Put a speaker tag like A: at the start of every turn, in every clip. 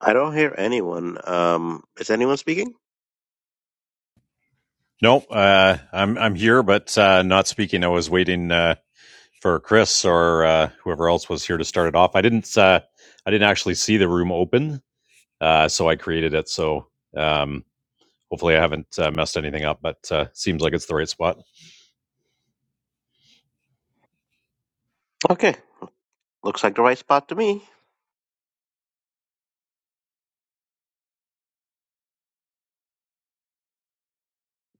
A: I don't hear anyone. Um, is anyone speaking?
B: No, uh, I'm I'm here, but uh, not speaking. I was waiting uh, for Chris or uh, whoever else was here to start it off. I didn't uh, I didn't actually see the room open, uh, so I created it. So um, hopefully, I haven't uh, messed anything up. But uh, seems like it's the right spot.
A: Okay, looks like the right spot to me.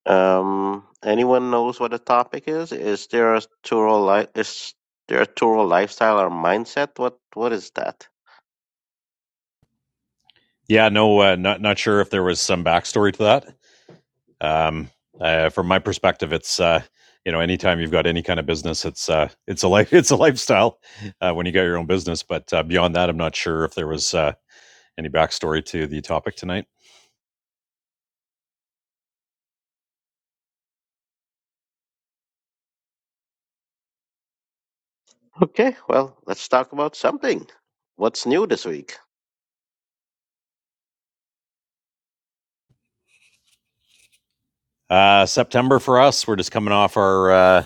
A: Um, anyone knows what the topic is? Is there a Turo li- is there a Turo lifestyle or mindset? What what is that?
B: Yeah, no, uh, not not sure if there was some backstory to that. Um, uh, from my perspective, it's uh, you know, anytime you've got any kind of business, it's uh, it's a life, it's a lifestyle uh, when you got your own business. But uh, beyond that, I'm not sure if there was uh, any backstory to the topic tonight.
A: Okay, well, let's talk about something. What's new this week?
B: Uh, September for us, we're just coming off our uh,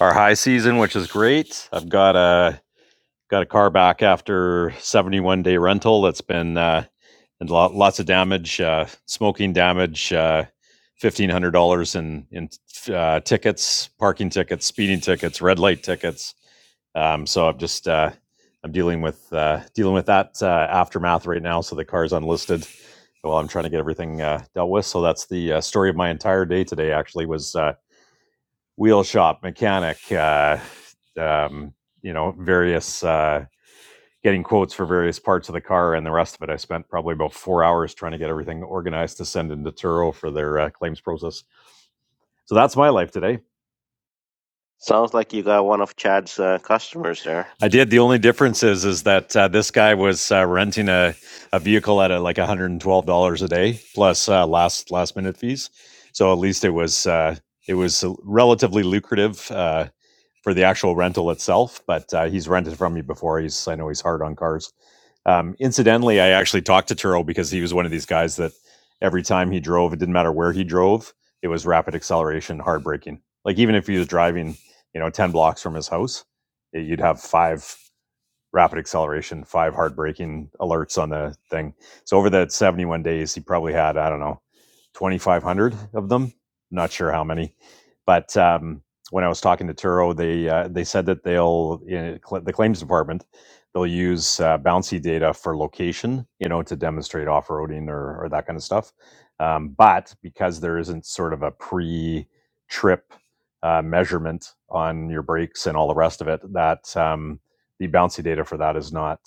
B: our high season, which is great. I've got a got a car back after 71 day rental that's been uh and lot, lots of damage uh smoking damage uh $1500 in in uh, tickets parking tickets speeding tickets red light tickets um so i'm just uh i'm dealing with uh dealing with that uh, aftermath right now so the car's unlisted while i'm trying to get everything uh dealt with so that's the uh, story of my entire day today actually was uh wheel shop mechanic uh um you know various uh getting quotes for various parts of the car and the rest of it. I spent probably about four hours trying to get everything organized to send into Turo for their uh, claims process. So that's my life today.
A: Sounds like you got one of Chad's uh, customers there.
B: I did. The only difference is is that uh, this guy was uh, renting a, a vehicle at uh, like one hundred and twelve dollars a day plus uh, last last minute fees. So at least it was uh, it was relatively lucrative. Uh, for the actual rental itself, but uh, he's rented from me before. He's I know he's hard on cars. Um, incidentally, I actually talked to Turo because he was one of these guys that every time he drove, it didn't matter where he drove, it was rapid acceleration, hard braking. Like even if he was driving, you know, ten blocks from his house, it, you'd have five rapid acceleration, five hard braking alerts on the thing. So over that 71 days, he probably had, I don't know, 2,500 of them. Not sure how many, but um, when I was talking to Turo, they uh, they said that they'll in the claims department they'll use uh, bouncy data for location, you know, to demonstrate off roading or, or that kind of stuff. Um, but because there isn't sort of a pre trip uh, measurement on your brakes and all the rest of it, that um, the bouncy data for that is not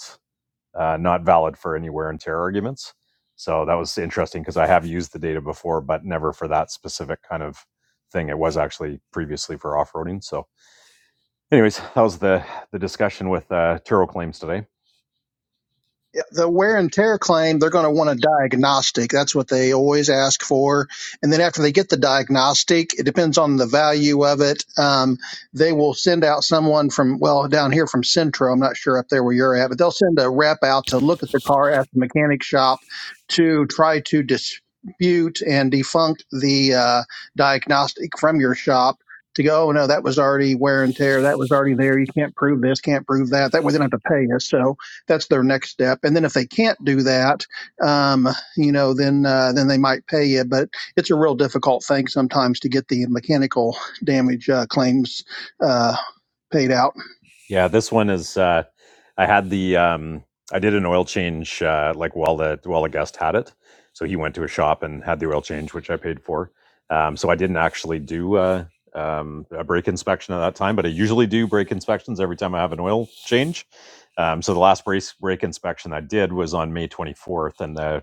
B: uh, not valid for any wear and tear arguments. So that was interesting because I have used the data before, but never for that specific kind of thing. It was actually previously for off roading. So, anyways, that was the the discussion with uh, Turo Claims today.
C: the wear and tear claim, they're going to want a diagnostic. That's what they always ask for. And then after they get the diagnostic, it depends on the value of it. Um, they will send out someone from, well, down here from Centro. I'm not sure up there where you're at, but they'll send a rep out to look at the car at the mechanic shop to try to dispute and defunct the uh, diagnostic from your shop. To go, oh, no, that was already wear and tear. That was already there. You can't prove this, can't prove that. That way they don't have to pay us. So, that's their next step. And then if they can't do that, um, you know, then uh, then they might pay you. But it's a real difficult thing sometimes to get the mechanical damage uh, claims uh, paid out.
B: Yeah, this one is. Uh, I had the. Um, I did an oil change uh, like while the while the guest had it, so he went to a shop and had the oil change, which I paid for. Um, so I didn't actually do uh, um, a brake inspection at that time, but I usually do brake inspections every time I have an oil change. Um, so the last brake brake inspection I did was on May 24th, and the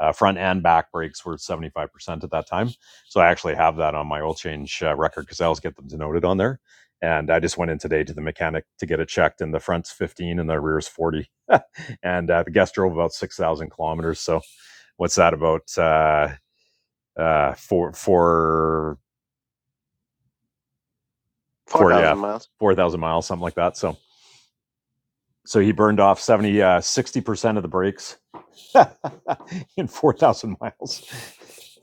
B: uh, front and back brakes were 75% at that time. So I actually have that on my oil change uh, record because I always get them denoted on there. And I just went in today to the mechanic to get it checked, and the front's 15 and the rear's 40. And uh, the guest drove about 6,000 kilometers. So what's that about? Uh, uh, four, four,
A: Four
B: four, yeah,
A: thousand miles,
B: 4,000 miles, something like that. So so he burned off 70, uh, 60% of the brakes in 4,000 miles.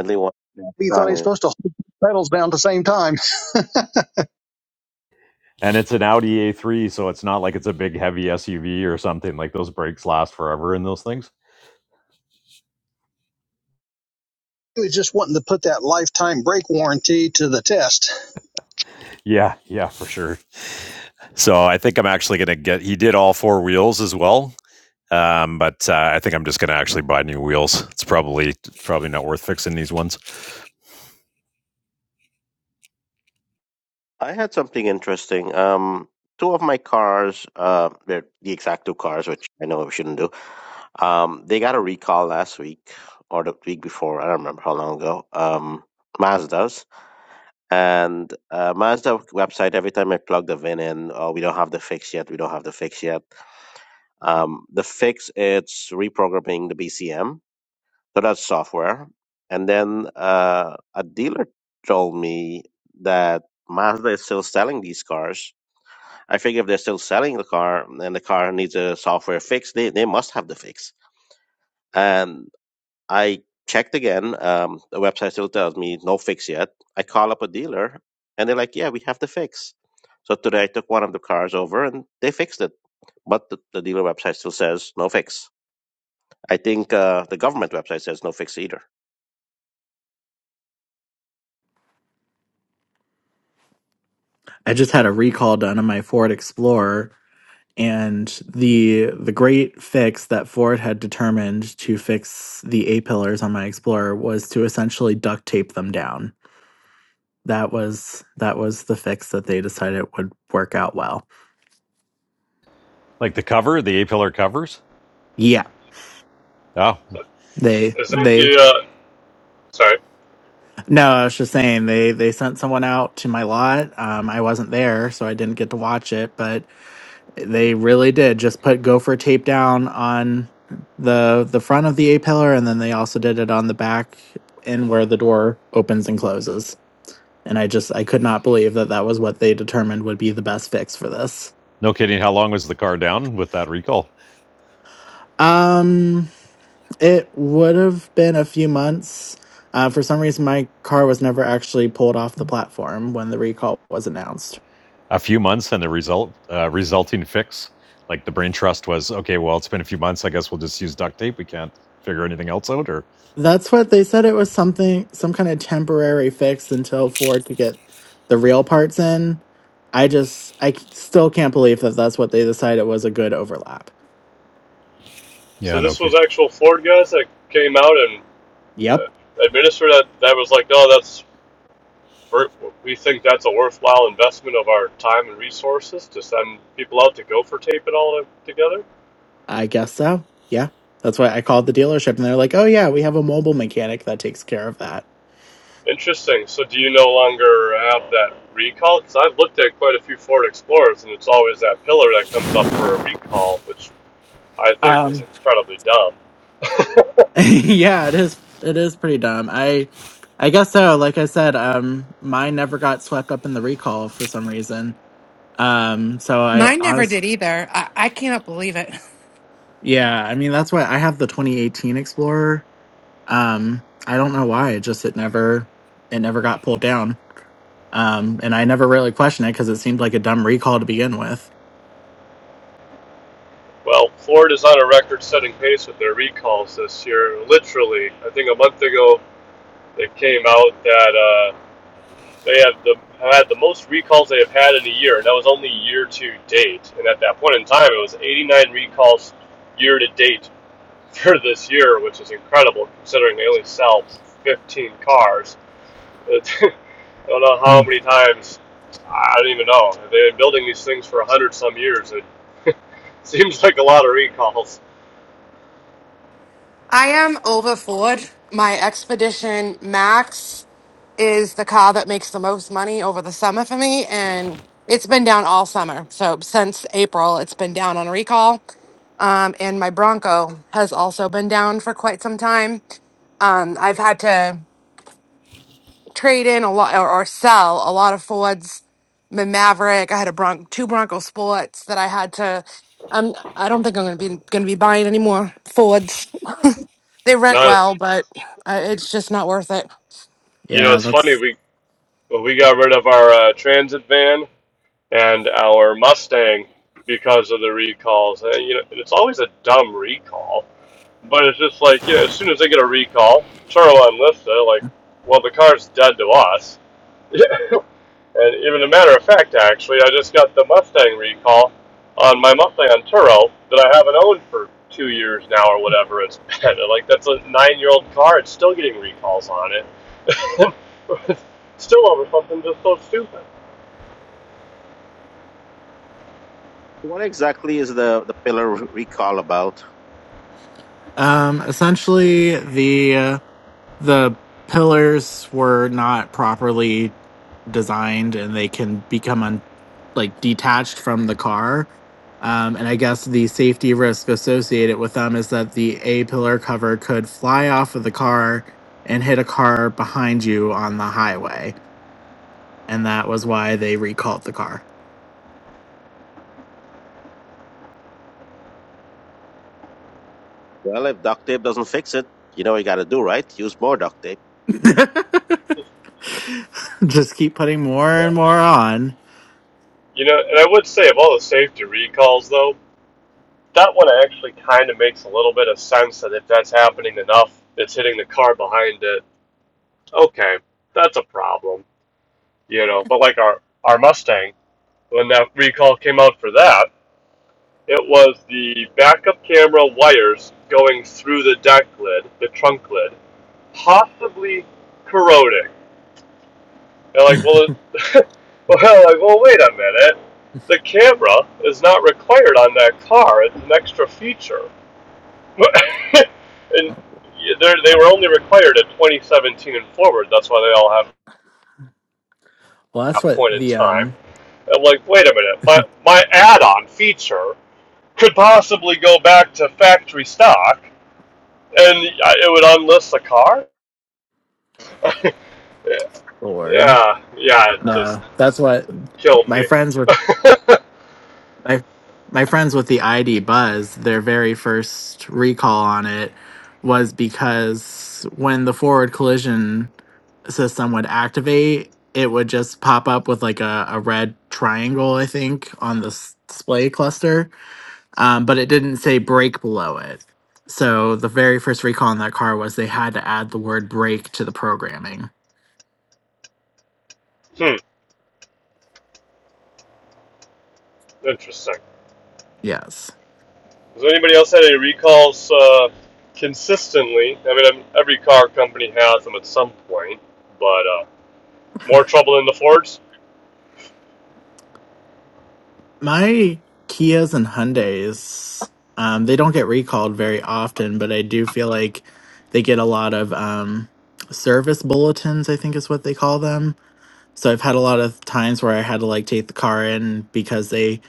A: one.
C: He thought he was
A: Sorry.
C: supposed to hold pedals down at the same time.
B: And it's an Audi A3, so it's not like it's a big heavy SUV or something. Like those brakes last forever in those things.
C: He was just wanting to put that lifetime brake warranty to the test.
B: Yeah, yeah, for sure. So I think I'm actually going to get. He did all four wheels as well, um, but uh, I think I'm just going to actually buy new wheels. It's probably probably not worth fixing these ones.
A: I had something interesting. Um, two of my cars, uh, they're the exact two cars, which I know I shouldn't do. Um, they got a recall last week or the week before. I don't remember how long ago. Um, Mazda's and uh, Mazda website. Every time I plug the VIN in, oh, we don't have the fix yet. We don't have the fix yet. Um, the fix it's reprogramming the BCM. So that's software. And then uh, a dealer told me that Mazda is still selling these cars. I figure if they're still selling the car and the car needs a software fix, they, they must have the fix. And I checked again. Um, the website still tells me no fix yet. I call up a dealer and they're like, yeah, we have the fix. So today I took one of the cars over and they fixed it. But the, the dealer website still says no fix. I think uh, the government website says no fix either.
D: I just had a recall done on my Ford Explorer and the the great fix that Ford had determined to fix the A pillars on my Explorer was to essentially duct tape them down. That was that was the fix that they decided would work out well.
B: Like the cover, the A pillar covers.
D: Yeah.
B: Oh,
D: They
E: Is that
D: they
E: the uh, sorry?
D: no, I was just saying they they sent someone out to my lot. Um I wasn't there, so I didn't get to watch it, but They really did just put gopher tape down on the the front of the A pillar and then they also did it on the back and where the door opens and closes. And I just I could not believe that that was what they determined would be the best fix for this.
B: no kidding. How long was the car down with that recall?
D: Um it would have been a few months. Uh, for some reason my car was never actually pulled off the platform when the recall was announced.
B: a few months and the result uh, resulting fix like the brain trust was okay well it's been a few months i guess we'll just use duct tape we can't figure anything else out or
D: That's what they said. It was something, some kind of temporary fix until Ford could get the real parts in. I just, I c- still can't believe that that's what they decided was a good overlap.
E: So
B: yeah no
E: this was
B: okay
E: actual Ford guys that came out and
D: Yep,
E: uh, administered that. That was like, oh, that's we're, we think that's a worthwhile investment of our time and resources to send people out to go for tape it all together.
D: I guess so. Yeah, that's why I called the dealership, and they're like, "Oh yeah, we have a mobile mechanic that takes care of that."
E: Interesting. So do you no longer have that recall? Because I've looked at quite a few Ford Explorers, and it's always that pillar that comes up for a recall, which I think is
D: Um,
E: incredibly dumb.
D: yeah, it is. It is pretty dumb. I, I guess so. Like I said, um, mine never got swept up in the recall for some reason. Um, so I
F: Mine never
D: honest.
F: did either. I, I cannot believe it.
D: Yeah, I mean that's why I have the 2018 Explorer. Um, I don't know why. It just it never it never got pulled down. Um, and I never really questioned it because it seemed like a dumb recall to begin with.
E: Well, Ford is on a record-setting pace with their recalls this year. Literally, I think a month ago that came out that uh, they have the have had the most recalls they have had in a year, and that was only year to date. And at that point in time, it was 89 recalls year to date for this year, which is incredible considering they only sell 15 cars. I don't know how
D: Mm.
E: many times. I don't even know. They've been building these things for 100 some years. It seems like a lot of recalls.
F: I am over Ford. My Expedition Max is the car that makes the most money over the summer for me, and it's been down all summer. So since April, it's been down on recall. Um, and my Bronco has also been down for quite some time. Um, I've had to. trade in a lot or, or sell a lot of Fords. My Maverick. I had a Bron- two Bronco Sports that I had to. Um, I don't think I'm going to be going to be buying any more Fords. They rent
E: Now,
F: well, but uh, it's just not worth it.
E: you know,
D: Yeah,
E: it's funny.
D: that's
E: We we got rid of our uh, transit van. and our Mustang because of the recalls. And, you know, it's always a dumb recall, but it's just like, you know, as soon as they get a recall, Turo and Lyft, they're like, well, the car's dead to us. Yeah. and even a matter of fact, actually, I just got the Mustang recall on my Mustang on Turo that I haven't owned for two years now or whatever it's been. like, that's a nine year old car. It's still getting recalls on it. still over something just so stupid.
A: What exactly is the, the pillar recall about?
D: um essentially the uh, the pillars were not properly designed and they can become un- like detached from the car um, and i guess the safety risk associated with them is that the a pillar cover could fly off of the car and hit a car behind you on the highway and that was why they recalled the car
A: Well, if duct tape doesn't fix it, you know what you got to do, right? Use more duct tape.
E: Just,
D: just keep putting more
E: Yeah.
D: and more on
E: You know, and I would say of all the safety recalls, though, that one actually kind of makes a little bit of sense that if that's happening enough, it's hitting the car behind it. Okay, that's a problem, you know. But like our our Mustang, when that recall came out for that, it was the backup camera wires going through the deck lid, the trunk lid, possibly corroding. And like, well, it, well, like, well, wait a minute. The camera is not required on that car. It's an extra feature. and they were only required at 2017 and forward. That's why they all have
D: well that's
E: that
D: what
E: point in
D: the
E: time.
D: um
E: I'm like, wait a minute. My my add-on feature could possibly go back to factory stock, and it would unlist the car.
D: lord
E: Yeah, yeah, it just
D: uh, that's what
E: killed
D: my
E: me.
D: friends were my my friends with the ID Buzz, their very first recall on it was because when the forward collision system would activate, it would just pop up with like a, a red triangle, I think, on the s- display cluster, um, but it didn't say brake below it. So the very first recall on that car was they had to add the word brake to the programming.
E: Hmm, interesting.
D: Yes.
E: Has anybody else had any recalls uh, consistently? I mean, I'm- every car company has them at some point, but uh, more trouble in the Fords?
D: my Kias and Hyundais, um, they don't get recalled very often, but I do feel like they get a lot of um, service bulletins, I think is what they call them. So I've had a lot of times where I had to like take the car in because they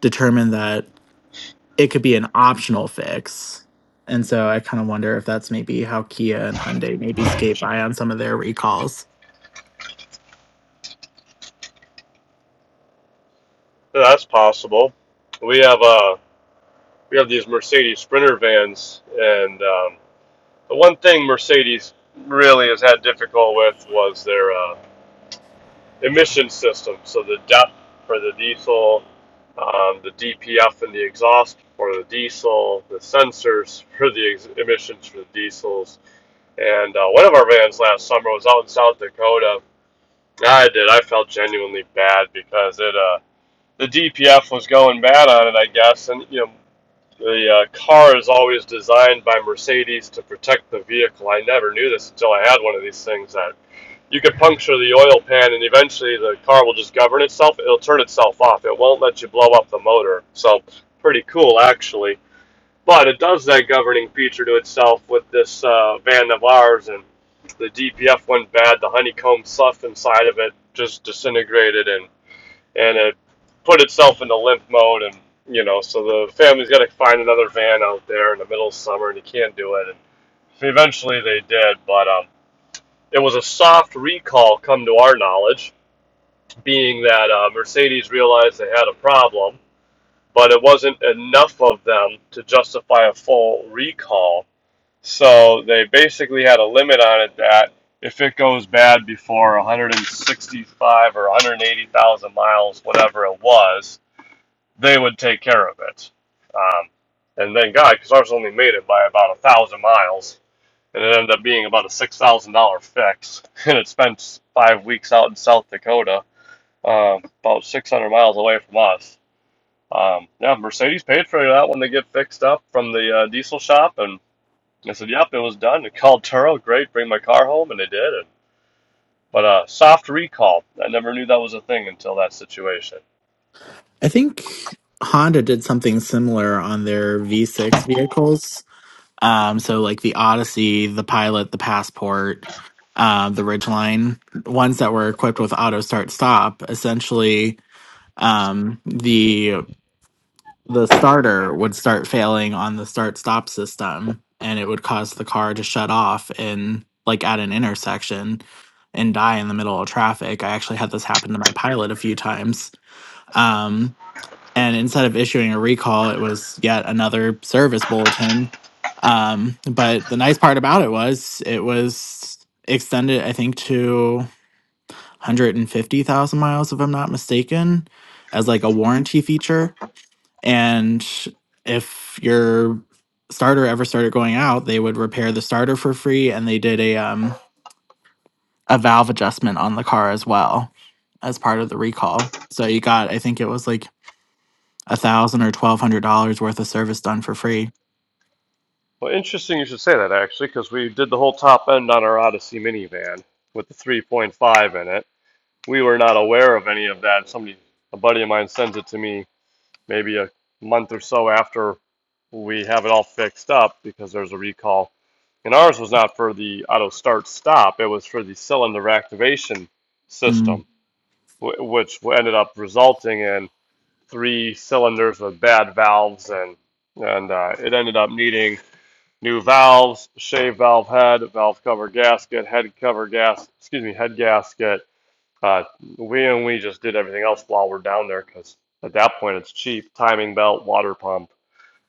D: determined that it could be an optional fix. And so I kind of wonder if that's maybe how Kia and Hyundai maybe skate by on some of their recalls.
E: Yeah, That's possible. We have uh, we have these Mercedes Sprinter vans, and um, the one thing Mercedes really has had difficult with was their uh, emission system. So the DEP for the diesel, um, the DPF and the exhaust for the diesel, the sensors for the ex- emissions for the diesels And uh, one of our vans last summer was out in South Dakota. Yeah, I did. I felt genuinely bad because it uh, the DPF was going bad on it, I guess. And you know, the uh, car is always designed by Mercedes to protect the vehicle. I never knew this until I had one of these things that you could puncture the oil pan, and eventually the car will just govern itself. It'll turn itself off. It won't let you blow up the motor. So pretty cool, actually. But it does that governing feature to itself with this uh, van of ours, and the DPF went bad. The honeycomb stuff inside of it just disintegrated, and and it put itself into limp mode, and you know, so the family's got to find another van out there in the middle of summer, and you can't do it. And eventually they did, but um, it was a soft recall, come to our knowledge, being that uh, Mercedes realized they had a problem, but it wasn't enough of them to justify a full recall so they basically had a limit on it that if it goes bad before 165 or 180,000 miles, whatever it was, they would take care of it. Um, and thank God, because ours only made it by about a thousand miles, and it ended up being about a six thousand dollar fix. And it spent five weeks out in South Dakota, um, about 600 miles away from us. Um, yeah, Mercedes paid for that when they get fixed up from the uh, diesel shop, and I said, "Yep, it was done." They called Turo, great, bring my car home, and they did it. But uh, soft recall, I never knew that was a thing until that situation.
D: I think Honda did something similar on their V6 vehicles Um, so like the Odyssey, the Pilot, the Passport, uh, the Ridgeline, ones that were equipped with auto start stop. Essentially, um, the the starter would start failing on the start stop system, and it would cause the car to shut off in like at an intersection and die in the middle of traffic. I actually had this happen to my Pilot a few times. Um and instead of issuing a recall it was yet another service bulletin um, but the nice part about it was it was extended i think to 150000 miles if i'm not mistaken as like a warranty feature and if your starter ever started going out they would repair the starter for free and they did a um, a valve adjustment on the car as well as part of the recall so you got i think it was like a thousand or twelve hundred dollars worth of service done for free.
E: Well, interesting you should say that actually, because we did the whole top end on our Odyssey minivan with the 3.5 in it. We were not aware of any of that. Somebody, a buddy of mine, sends it to me maybe a month or so after we have it all fixed up because there's a recall. And ours was not for the auto start stop; it was for the cylinder activation
D: Mm.
E: system wh- which ended up resulting in three cylinders with bad valves, and and uh, it ended up needing new valves, shave valve head, valve cover gasket, head cover gas, excuse me, head gasket. Uh, we and we just did everything else while we're down there because at that point it's cheap. Timing belt, water pump,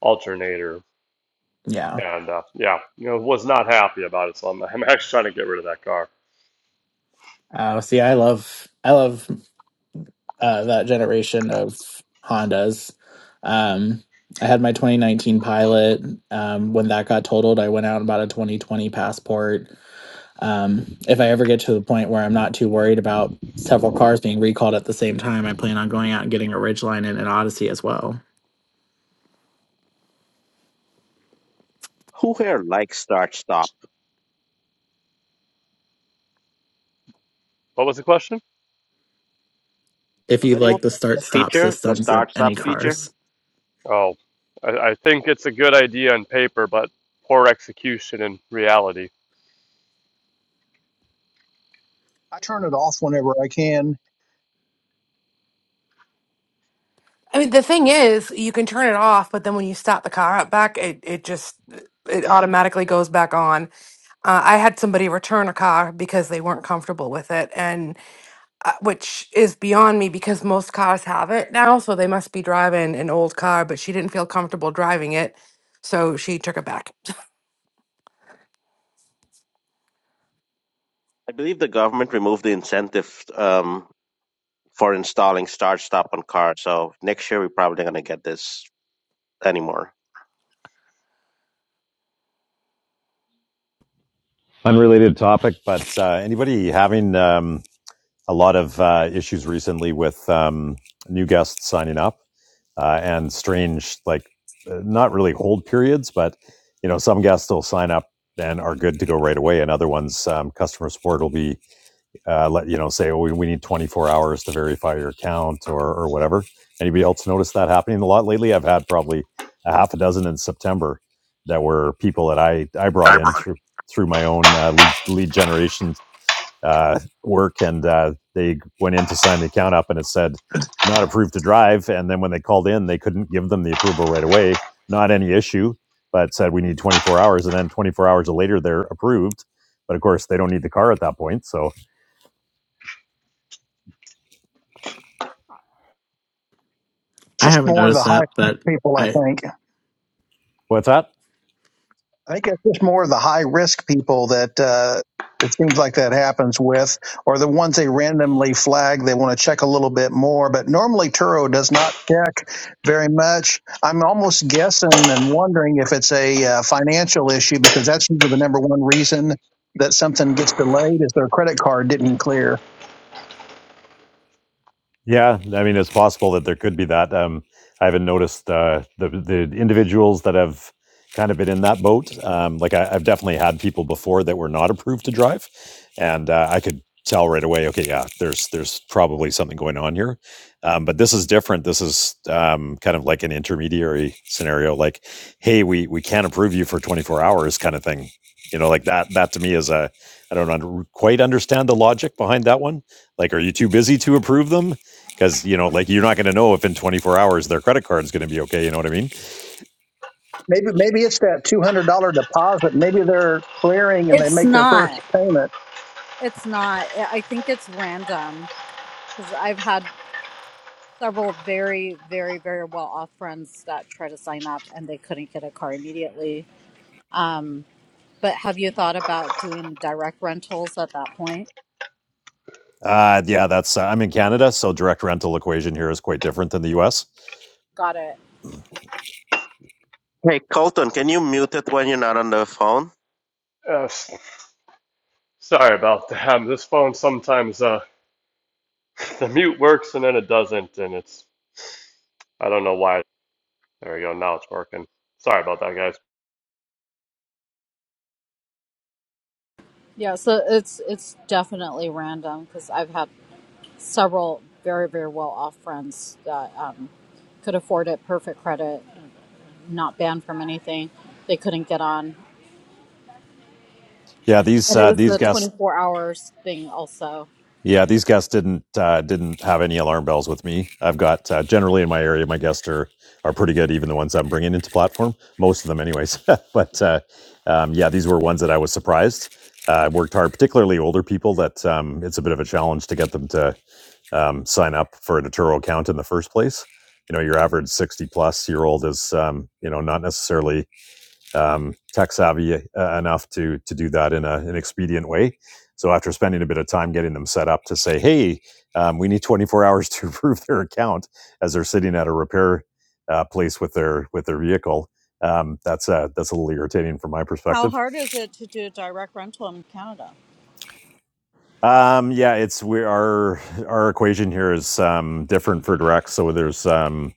E: alternator,
D: Yeah.
E: and uh, yeah, you know, was not happy about it. So I'm, I'm actually trying to get rid of that car.
D: Uh, see, I love I love uh, that generation of Hondas. Um, I had my 2019 Pilot. Um, when that got totaled, I went out and bought a 2020 Passport. Um, if I ever get to the point where I'm not too worried about several cars being recalled at the same time, I plan on going out and getting a Ridgeline and an Odyssey as well.
A: Who here likes start stop?
E: What was the question?
D: If
A: Does
D: you
A: anyone
D: like the
A: like
D: start
A: that
D: stop
A: feature? The
D: systems in
A: start
D: any
A: stop feature?
D: cars,
E: Oh, I, I think it's a good idea on paper, but poor execution in reality.
C: I turn it off whenever I can.
F: I mean, the thing is, you can turn it off, but then when you start the car up back, it it just it automatically goes back on. Uh, I had somebody return a car because they weren't comfortable with it, and uh, which is beyond me because most cars have it now, so they must be driving an old car, but she didn't feel comfortable driving it, so she took it back.
A: I believe the government removed the incentive. Um, for installing start stop on cars. So next year we're probably not gonna get this anymore.
B: Unrelated topic, but uh, anybody having um, a lot of uh, issues recently with um, new guests signing up uh, and strange, like uh, not really hold periods, but you know, some guests will sign up and are good to go right away, and other ones, um, customer support will be uh, let you know say oh, we, we need 24 hours to verify your account or or whatever anybody else notice that happening a lot lately i've had probably a half a dozen in september that were people that i i brought
F: I
B: in
F: brought it.
B: through through my own uh, lead lead generation uh, work and uh, they went in to sign the account up and it said not approved to drive and then when they called in they couldn't give them the approval right away not any issue but said we need 24 hours and then 24 hours later they're approved but of course they don't need the car at that point so
D: I
C: Just
D: haven't
C: more of the
D: noticed that,
C: high
D: but
C: people, I
D: I.
C: think.
B: what's that
C: I think it's just more the high risk people that uh, it seems like that happens with, or the ones they randomly flag. They want to check a little bit more, but normally Turo does not check very much. I'm almost guessing and wondering if it's a uh, financial issue because that's usually the number one reason that something gets delayed is their credit card didn't clear.
B: Yeah, I mean, it's possible that there could be that. Um, I haven't noticed uh, the the individuals that have kind of been in that boat. Um, like I, I've definitely had people before that were not approved to drive, and uh, I could tell right away. Okay, yeah, there's there's probably something going on here. Um, but this is different. This is um, kind of like an intermediary scenario. Like, hey, we we can't approve you for 24 hours, kind of thing. You know, like that. That to me is a I don't under, quite understand the logic behind that one. Like, are you too busy to approve them? because you know like you're not going to know if in 24 hours their credit card is going to be okay you know what i mean
C: Maybe maybe it's that two hundred dollar deposit. Maybe they're clearing and they
G: It's
C: make their first
G: not.
C: payment.
G: It's not. I think it's random because I've had several very, very, very well off friends that try to sign up and they couldn't get a car immediately. Um, but have you thought about doing direct rentals at that point?
B: uh, yeah that's uh, i'm in canada so direct rental equation here is quite different than the us
G: Got it.
A: Hey Colton, can you mute it when you're not on the phone?
E: Uh, s- sorry about that. This phone sometimes uh, the mute works and then it doesn't, and it's I don't know why. There we go. Now it's working. Sorry about that, guys.
G: Yeah. So it's it's definitely random because I've had several very, very well off friends that um, could afford it, perfect credit, not banned from anything. They couldn't get on,
B: yeah these
G: and it
B: uh,
G: was
B: these
G: the
B: gas
G: twenty four hours thing also.
B: Yeah, these guests didn't uh, didn't have any alarm bells with me. I've got uh, generally in my area, my guests are are pretty good, even the ones I'm bringing into platform. Most of them, anyways. but uh, um, yeah, these were ones that I was surprised. Uh, I uh, worked hard, particularly older people. That um, it's a bit of a challenge to get them to um, sign up for a Naturo account in the first place. You know, your average sixty plus year old is um, you know not necessarily um, tech savvy uh, enough to to do that in a, an expedient way. So after spending a bit of time getting them set up to say, hey, um, we need 24 hours to approve their account as they're sitting at a repair uh, place with their with their vehicle. Um, that's uh, that's a little irritating from my
G: How
B: perspective.
G: hard is it to do direct rental in Canada?
B: Um, yeah, it's we our our equation here is um, different for direct. So there's um,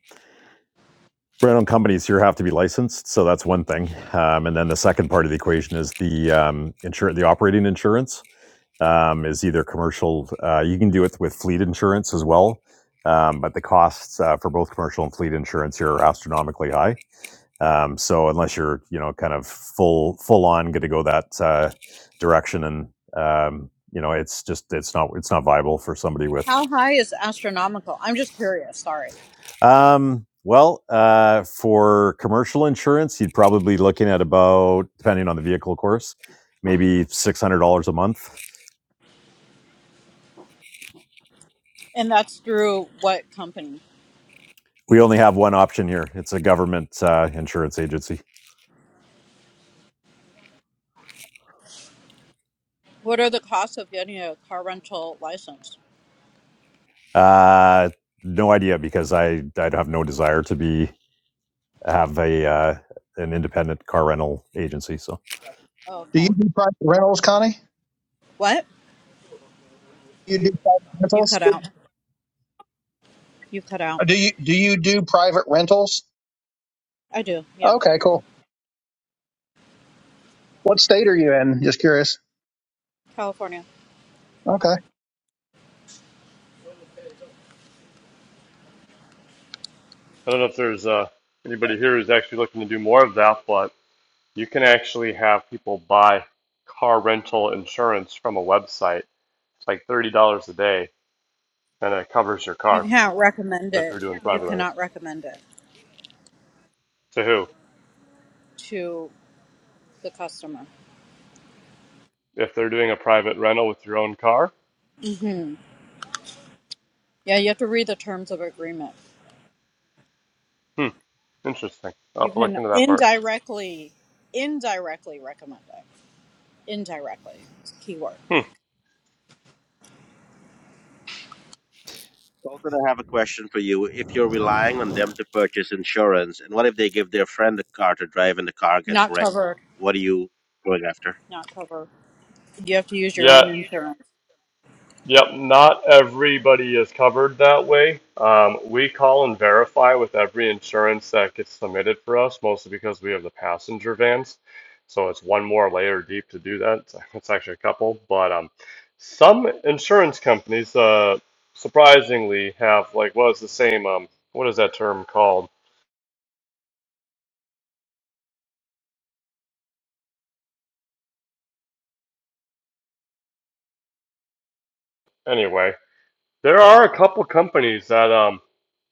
B: brand owned companies here have to be licensed. So that's one thing. Um, and then the second part of the equation is the um, insur- the operating insurance. um, is either commercial. Uh, you can do it with fleet insurance as well, um, but the costs uh, for both commercial and fleet insurance here are astronomically high. Um, so unless you're you know kind of full full on going to go that uh, direction, and um, you know it's just it's not it's not viable for somebody with.
G: How high is astronomical? I'm just curious, sorry.
B: Um, well, uh, for commercial insurance, you'd probably be looking at about depending on the vehicle, of course, maybe six hundred dollars a month
G: And that's through what company?
B: we only have one option here. It's a government uh, insurance agency.
G: What are the costs of getting a car rental license?
B: Uh, no idea because I I'd have no desire to be have a uh, an independent car rental agency. So
G: Oh,
C: Do you
G: okay.
C: do private rentals, Connie?
G: What?
C: You do private
G: You
C: rentals?
G: cut out. You cut out.
C: Or Do you do you do private rentals?
G: I do, yeah.
C: Okay, cool. What state are you in? Just curious.
G: California.
C: Okay.
E: I don't know if there's uh, anybody here who's actually looking to do more of that, but you can actually have people buy car rental insurance from a website. It's like thirty dollars a day, and it covers your
G: You
E: car
G: can't recommend
E: if
G: it.
E: you're doing
G: You
E: private rentals.
G: cannot recommend it
E: To who?
G: to the customer.
E: If they're doing a private rental with your own car,
G: Yeah, you have to read the terms of agreement.
E: hmm, interesting. I'll
G: You
E: have to look
G: can
E: into that part.
G: indirectly, indirectly recommend it. Indirectly, it's a key word.
E: Hmm.
A: Colton, I have a question for you. If you're relying on them to purchase insurance, and what if they give their friend a car to drive and the car gets
G: Not
A: wrecked?
G: covered.
A: What are you going after?
G: not cover. You have to use your
E: Yeah,
G: own insurance.
E: yep. Not everybody is covered that way. Um, we call and verify with every insurance that gets submitted for us, mostly because we have the passenger vans. So it's one more layer deep to do that. It's actually a couple, but um, some insurance companies, uh, surprisingly, have like what is the same um, what is that term called? Anyway, There are a couple companies that um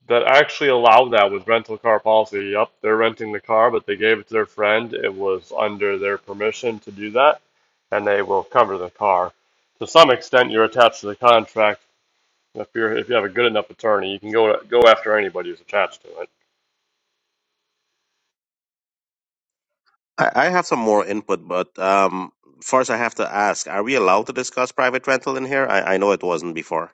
E: that actually allow that with rental car policy. Yep, they're renting the car, but they gave it to their friend. It was under their permission to do that, and they will cover the car. To some extent, you're attached to the contract. If you're if you have a good enough attorney, you can go go after anybody who's attached to it.
A: I, I have some more input, but um, first I have to ask: Are we allowed to discuss private rental in here? I, I know it wasn't before.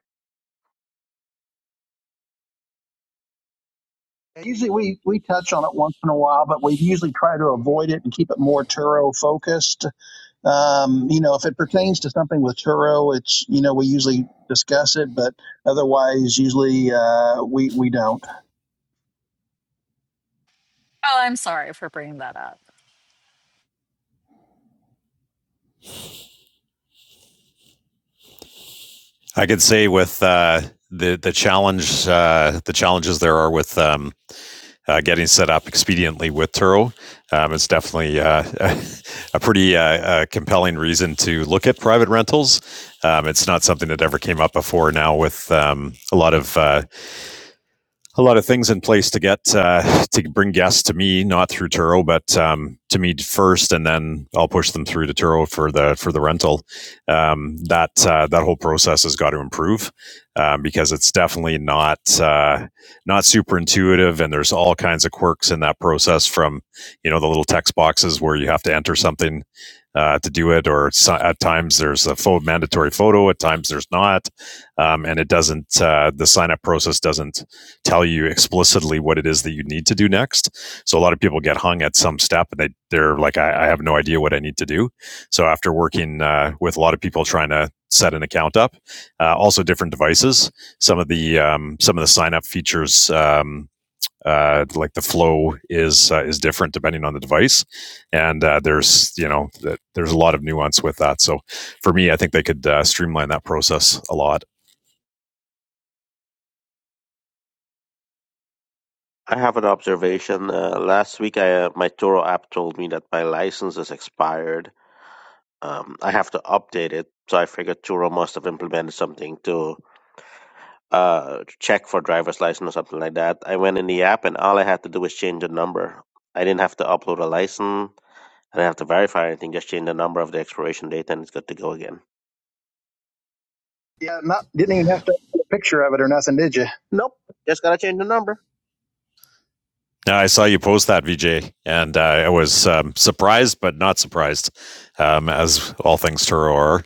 C: Usually we we touch on it once in a while, but we usually try to avoid it and keep it more Turo focused. Um, you know, if it pertains to something with Turo, it's you know we usually discuss it, but otherwise, usually uh, we we don't.
G: Oh, I'm sorry for bringing that up.
B: I could say with uh, the the challenge uh, the challenges there are with um, uh, getting set up expediently with Turo um, is definitely uh, a pretty uh, uh, compelling reason to look at private rentals. Um, it's not something that ever came up before now with um, a lot of uh, a lot of things in place to get uh, to bring guests to me, not through Turo, but um, to me first, and then I'll push them through to Turo for the for the rental. Um, that uh, that whole process has got to improve um, because it's definitely not uh, not super intuitive, and there's all kinds of quirks in that process. From you know the little text boxes where you have to enter something. Uh, to do it, or so, at times there's a pho- mandatory photo, at times there's not, um, and it doesn't. Uh, the sign up process doesn't tell you explicitly what it is that you need to do next. So a lot of people get hung at some step and they, they're like, I, I have no idea what I need to do. So after working uh, with a lot of people trying to set an account up, uh, also different devices, some of the um, some of the sign up features um, uh, like the flow is uh, is different depending on the device, and uh, there's you know th- there's a lot of nuance with that. So for me, I think they could uh, streamline that process a lot.
A: I have an observation. Uh, last week, I, uh, my Toro app told me that my license is expired, Um, I have to update it, so I figured Turo must have implemented something to uh, check for driver's license or something like that. I went in the app, and all I had to do was change the number. I didn't have to upload a license. I didn't have to verify anything. Just change the number of the expiration date, and it's good to go again.
C: Yeah, not didn't even have to take a picture of it or nothing, did you?
A: Nope, just gotta change the number.
B: Yeah, I saw you post that VJ, and uh, I was um, surprised but not surprised, um, as all things Turo are.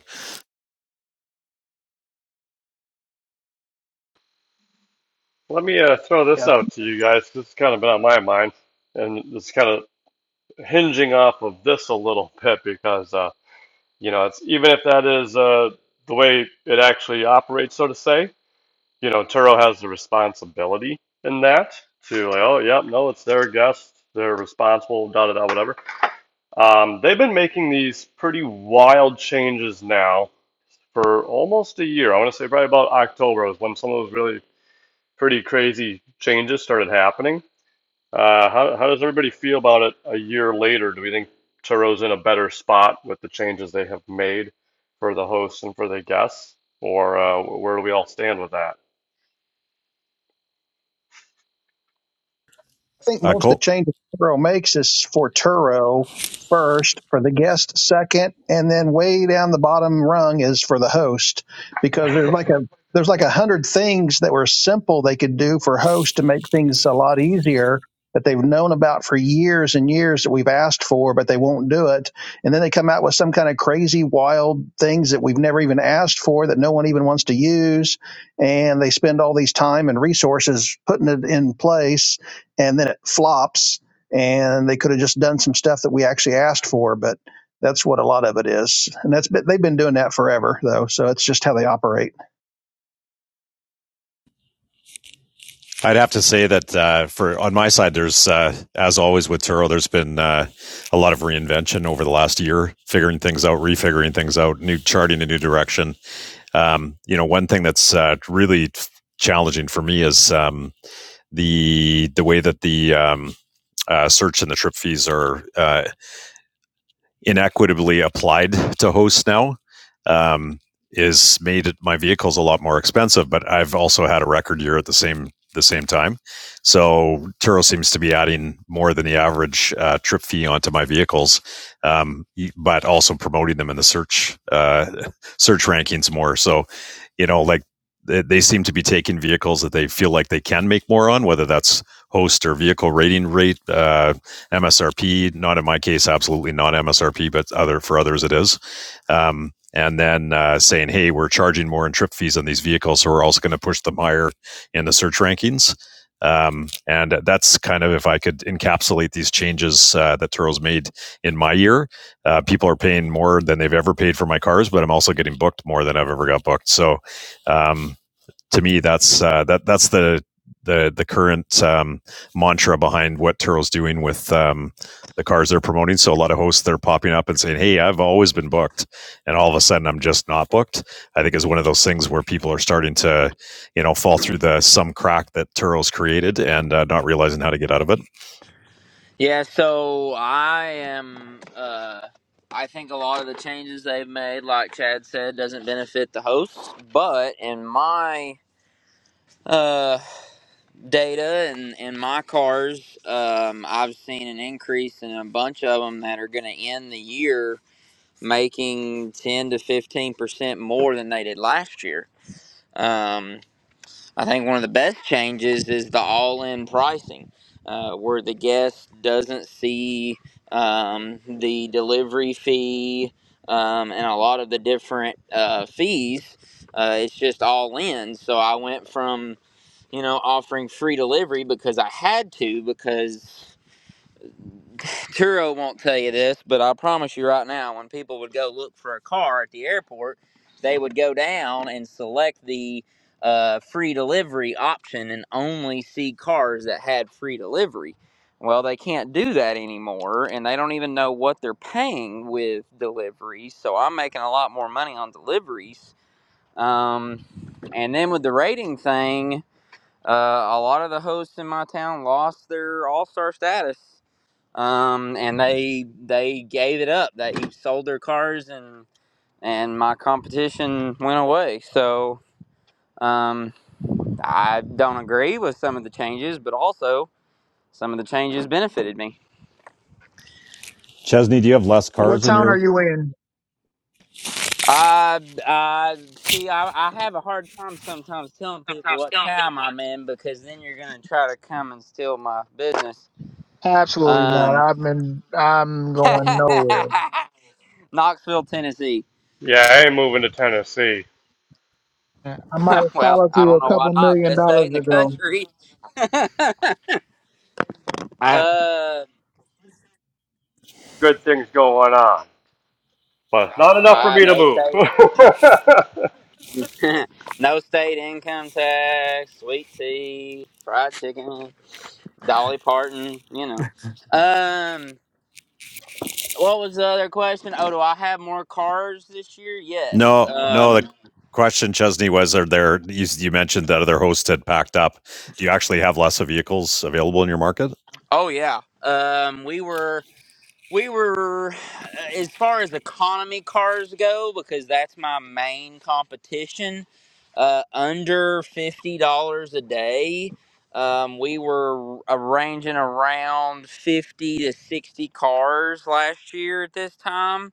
E: Let me uh, throw
C: Yeah,
E: this out to you guys. This has kind of been on my mind, and it's kind of hinging off of this a little bit because uh, You know, it's even if that is uh, the way it actually operates, so to say. You know, Turo has the responsibility in that to like, oh, yep, no, it's their guest, they're responsible, da da da, whatever. Um, they've been making these pretty wild changes now for almost a year. I want to say probably about October was when some of those really pretty crazy changes started happening. Uh, how how does everybody feel about it a year later? Do we think Turo's in a better spot with the changes they have made for the hosts and for the guests, or uh, where do we all stand with that?
C: I think
B: Uh,
C: most of the
B: Col-
C: changes Turo makes is for Turo first, for the guest second, and then way down the bottom rung is for the host because there's like a there's like a hundred things that were simple they could do for host to make things a lot easier that they've known about for years and years that we've asked for, but they won't do it. And then they come out with some kind of crazy, wild things that we've never even asked for that no one even wants to use. And they spend all these time and resources putting it in place and then it flops and they could have just done some stuff that we actually asked for but that's what a lot of it is and that's been, they've been doing that forever though so it's just how they operate
B: I'd have to say that uh, for on my side, there's uh, as always with Turo, there's been uh, a lot of reinvention over the last year, figuring things out, refiguring things out, new charting a new direction. Um, you know, one thing that's uh, really challenging for me is um, the the way that the um, uh, search and the trip fees are uh, inequitably applied to hosts now um, is made my vehicles a lot more expensive. But I've also had a record year at the same the same time, so Turo seems to be adding more than the average uh, trip fee onto my vehicles, um, but also promoting them in the search uh, search rankings more. So you know, like they, they seem to be taking vehicles that they feel like they can make more on, whether that's host or vehicle rating rate, uh, MSRP. Not in my case, absolutely not MSRP, but other for others it is. Um, and then uh, saying, "Hey, we're charging more in trip fees on these vehicles, so we're also going to push them higher in the search rankings." Um, and that's kind of if I could encapsulate these changes uh, that Turo's made in my year. Uh, people are paying more than they've ever paid for my cars, but I'm also getting booked more than I've ever got booked. So um, to me, that's uh, that that's the the the current um, mantra behind what Turo's doing with um, the cars they're promoting. So a lot of hosts they're popping up and saying, "Hey, I've always been booked," and all of a sudden I'm just not booked. I think is one of those things where people are starting to, you know, fall through the some crack that Turo's created and uh, not realizing how to get out of it.
H: Yeah, so I am. Uh, I think a lot of the changes they've made, like Chad said, doesn't benefit the hosts. But in my uh, data and in my cars, um, I've seen an increase in a bunch of them that are going to end the year making ten to fifteen percent more than they did last year. Um, I think one of the best changes is the all-in pricing, uh, where the guest doesn't see um, the delivery fee um, and a lot of the different uh, fees. Uh, it's just all in. So I went from you know offering free delivery because I had to because Turo won't tell you this, but I promise you right now, when people would go look for a car at the airport, they would go down and select the uh, free delivery option and only see cars that had free delivery. Well, they can't do that anymore, and they don't even know what they're paying with deliveries. So I'm making a lot more money on deliveries. Um, and then with the rating thing, uh, a lot of the hosts in my town lost their all star status um, and they they gave it up. They sold their cars, and and my competition went away. So um, I don't agree with some of the changes, but also some of the changes benefited me.
I: What town are you in?
H: I I see. I, I have a hard time sometimes telling people what town I'm in because then you're gonna try to come and steal my business.
I: Absolutely not.
H: Um,
I: I'm in. I'm going nowhere.
H: Knoxville, Tennessee.
E: Yeah, I ain't moving to Tennessee.
I: I might have
H: well,
I: followed
H: I
I: you
H: don't
I: a
H: know why
I: couple
H: not.
I: million
H: Best state
I: dollars
H: in the
I: ago.
H: country.
D: I
H: Uh,
E: Good things going on, but not enough for
H: ah,
E: me to
H: no
E: move.
H: state, in- no state income tax, sweet tea, fried chicken, Dolly Parton. You know. Um, what was the other question? Oh, do I have more cars this year? Yes.
B: No, no.
H: Um,
B: The question, Chesney, was: Are there? You, you mentioned that other hosts had packed up. Do you actually have lots of vehicles available in your market?
H: oh yeah. Um, we were. We were, uh, as far as economy cars go, because that's my main competition, uh, under $50 a day. Um, we were arranging around 50 to 60 cars last year at this time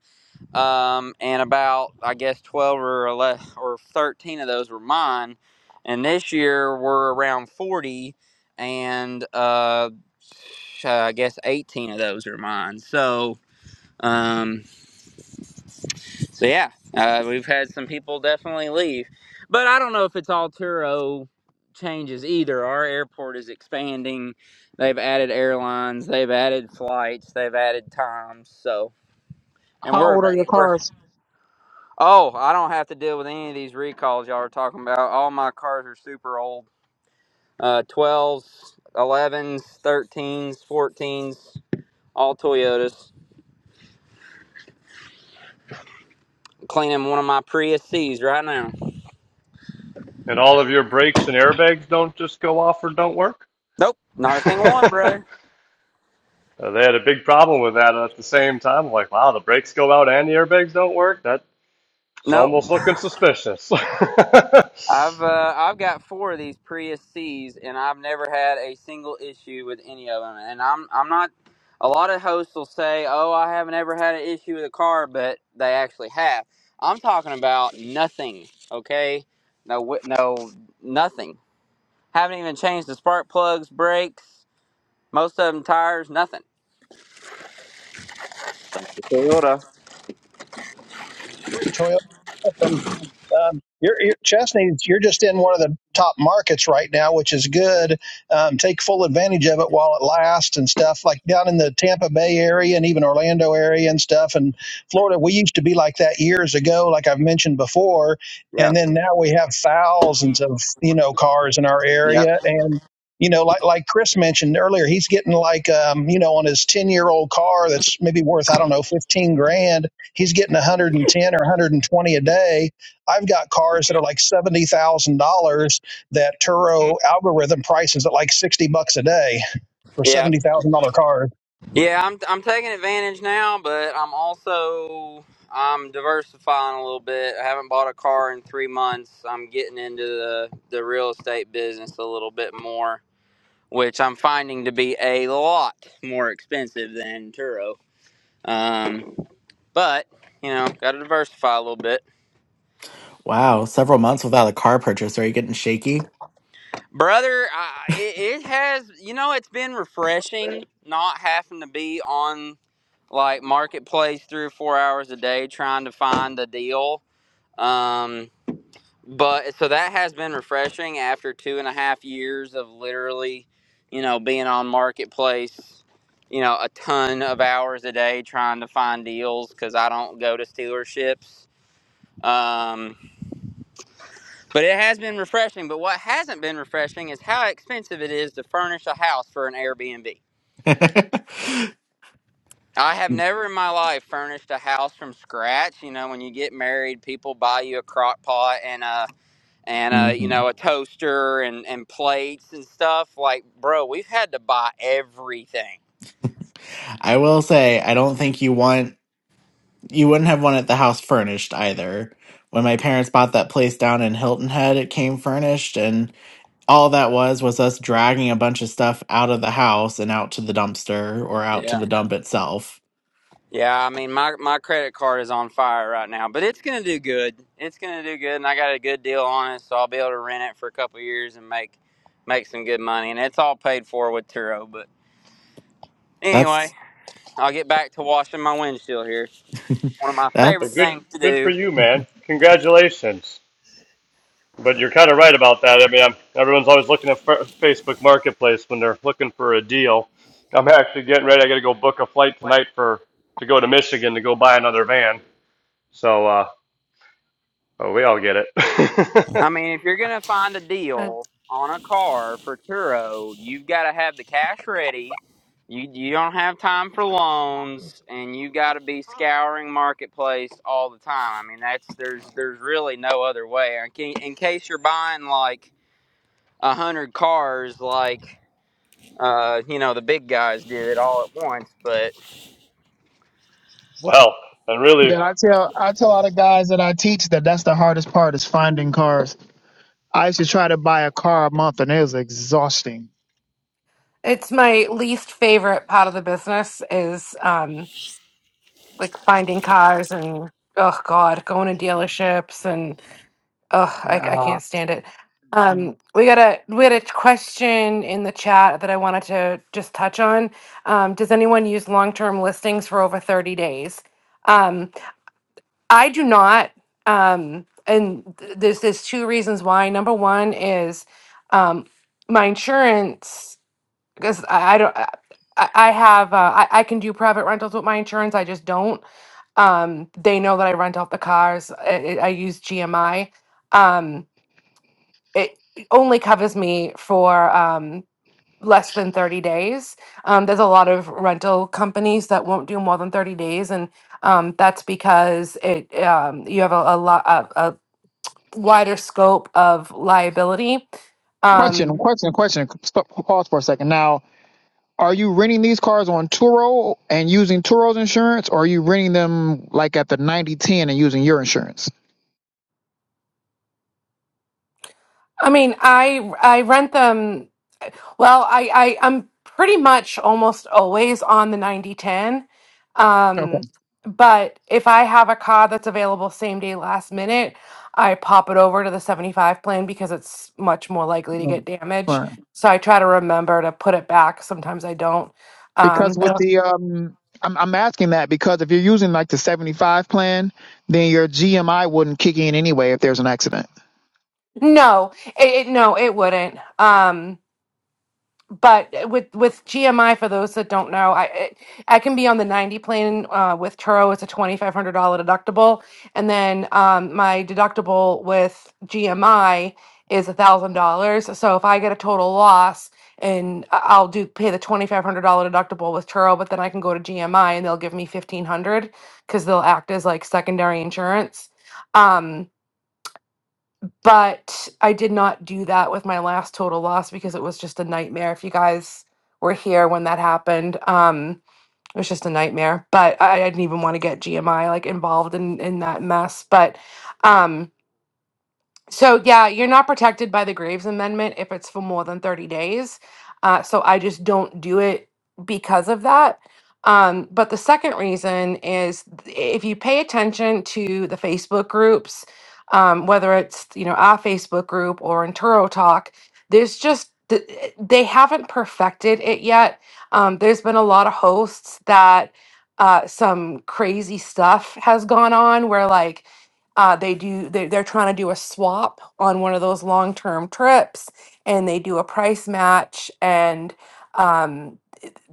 H: um, and about I guess twelve or eleven or thirteen of those were mine. And this year we're around forty, and uh, uh, I guess eighteen of those are mine. So, um, so yeah, uh, we've had some people definitely leave, but I don't know if it's all Turo changes either. Our airport is expanding. They've added airlines. They've added flights. They've added times. So, and
I: How
H: we're
I: old are your
H: available.
I: cars?
H: Oh, I don't have to deal with any of these recalls y'all are talking about. All my cars are super old. Uh, 12s, 11s, 13s, 14s, all Toyotas. Cleaning one of my Prius C's right now.
E: and all of your brakes and airbags don't just go off or don't work.
H: Nope, not a single one, brother.
E: Uh, they had a big problem with that at the same time. I'm like, wow, the brakes go out and the airbags don't work. That's
H: Nope.
E: almost looking suspicious.
H: I've uh, I've got four of these Prius C's, and I've never had a single issue with any of them. And I'm I'm not. A lot of hosts will say, "Oh, I haven't ever had an issue with a car," but they actually have. I'm talking about nothing. Okay, no, wi- no, nothing. Haven't even changed the spark plugs, brakes, most of them tires, nothing.
A: That's the Toyota.
C: three Toyota. Um, um, you're, you're, Chesney, you're just in one of the top markets right now, which is good. Um, take full advantage of it while it lasts and stuff. Like down in the Tampa Bay area and even Orlando area and stuff, and Florida, we used to be like that years ago, like I've mentioned before,
H: Yeah.
C: and then now we have thousands of you know cars in our area and. You know, like like Chris mentioned earlier, he's getting like um, you know on his ten year old car that's maybe worth I don't know fifteen grand He's getting 110 or 120 a day. I've got cars that are like seventy thousand dollars that Turo algorithm prices at like sixty bucks a day for
H: Yeah.
C: seventy thousand dollar cars.
H: Yeah, I'm I'm taking advantage now, but I'm also I'm diversifying a little bit. I haven't bought a car in three months. I'm getting into the the real estate business a little bit more, which I'm finding to be a lot more expensive than Turo. Um, but you know, got to diversify a little bit,
D: Wow, several months without a car purchase. Are you getting shaky?
H: brother. I, it, it has you know it's been refreshing not having to be on like marketplace three or four hours a day trying to find a deal Um, but so that has been refreshing after two and a half years of literally, you know, being on marketplace, you know, a ton of hours a day trying to find deals because I don't go to dealerships. Um, but it has been refreshing. But what hasn't been refreshing is how expensive it is to furnish a house for an Airbnb. I have never in my life furnished a house from scratch. You know, when you get married, people buy you a crock pot and a and uh, you
D: hmm
H: know a toaster and and plates and stuff. Like, bro, we've had to buy everything.
D: I will say, I don't think you want, you wouldn't have wanted the house furnished either. When my parents bought that place down in Hilton Head, it came furnished, and all that was was us dragging a bunch of stuff out of the house and out to the dumpster or out to
H: Yeah,
D: the dump itself.
H: yeah. I mean, my my credit card is on fire right now, but it's gonna do good. It's gonna do good, and I got a good deal on it, so I'll be able to rent it for a couple of years and make make some good money. And it's all paid for with Turo. But anyway,
D: That's
H: I'll get back to washing my windshield here. One of my
E: Well,
H: favorite
D: that's
E: good,
H: things to
E: good
H: do.
E: for you, man. Congratulations. But you're kind of right about that. I mean, I'm, everyone's always looking at Fa- Facebook Marketplace when they're looking for a deal. I'm actually getting ready. I got to go book a flight tonight for to go to Michigan to go buy another van. So, uh, oh, we all get it.
H: I mean, if you're gonna find a
F: Mm.
H: deal on a car for Turo, you've got to have the cash ready. You you don't have time for loans, and you got to be scouring marketplace all the time. I mean, that's there's there's really no other way. In ca- in case you're buying like a hundred cars, like uh, you know the big guys do it all at once, but
E: well, and really,
I: Yeah, I tell I tell all the guys that I teach that that's the hardest part is finding cars. I used to try to buy a car a month and it was exhausting.
F: It's my least favorite part of the business is um like finding cars and oh God, going to dealerships and oh I, I
I: Uh,
F: can't stand it. Um we got a we had a question in the chat that I wanted to just touch on. Um does anyone use long-term listings for over 30 days? Um, I do not. Um, and th- there's there's two reasons why. Number one is um, my insurance because I, I don't. I, I I have uh, I, I can do private rentals with my insurance. I just don't. Um, they know that I rent out the cars. I, I I use GMI. Um, it only covers me for. Um, less than 30 days. Um, there's a lot of rental companies that won't do more than 30 days, and um, that's because it um, you have a, a lot a, a wider scope of liability.
I: question,
F: Um,
I: question, question. Stop, pause for a second. Now, are you renting these cars on Turo and using Turo's insurance, or are you renting them like at the ninety ten and using your insurance?
F: I mean, I I rent them Well, I, I I'm pretty much almost always on the ninety ten,
I: Okay.
F: Um, but if I have a car that's available same day last minute, I pop it over to the 75 plan because it's much more likely to
I: Mm.
F: get damage.
I: Right.
F: So I try to remember to put it back. Sometimes I don't.
I: Because
F: Um,
I: with the um, I'm I'm asking that because if you're using like the 75 plan, then your GMI wouldn't kick in anyway if there's an accident.
F: no, it, it no, it wouldn't. Um, but with with GMI, for those that don't know, I I I can be on the ninety plan uh, with Turo. It's a twenty five hundred dollar deductible, and then um, my deductible with GMI is a thousand dollars. So if I get a total loss, and I- I'll do pay the twenty five hundred dollar deductible with Turo, but then I can go to GMI and they'll give me fifteen hundred because they'll act as like secondary insurance. Um, but I did not do that with my last total loss because it was just a nightmare. If you guys were here when that happened, um, it was just a nightmare. But I, I didn't even want to get GMI like involved in in that mess. But um, so yeah, you're not protected by the Graves Amendment if it's for more than 30 days. Uh, so I just don't do it because of that. Um, but the second reason is th- if you pay attention to the Facebook groups, um, whether it's you know our Facebook group or Enturo Talk, there's just th- they haven't perfected it yet. Um, there's been a lot of hosts that uh, some crazy stuff has gone on where like uh, they do they, they're trying to do a swap on one of those long-term trips and they do a price match and um,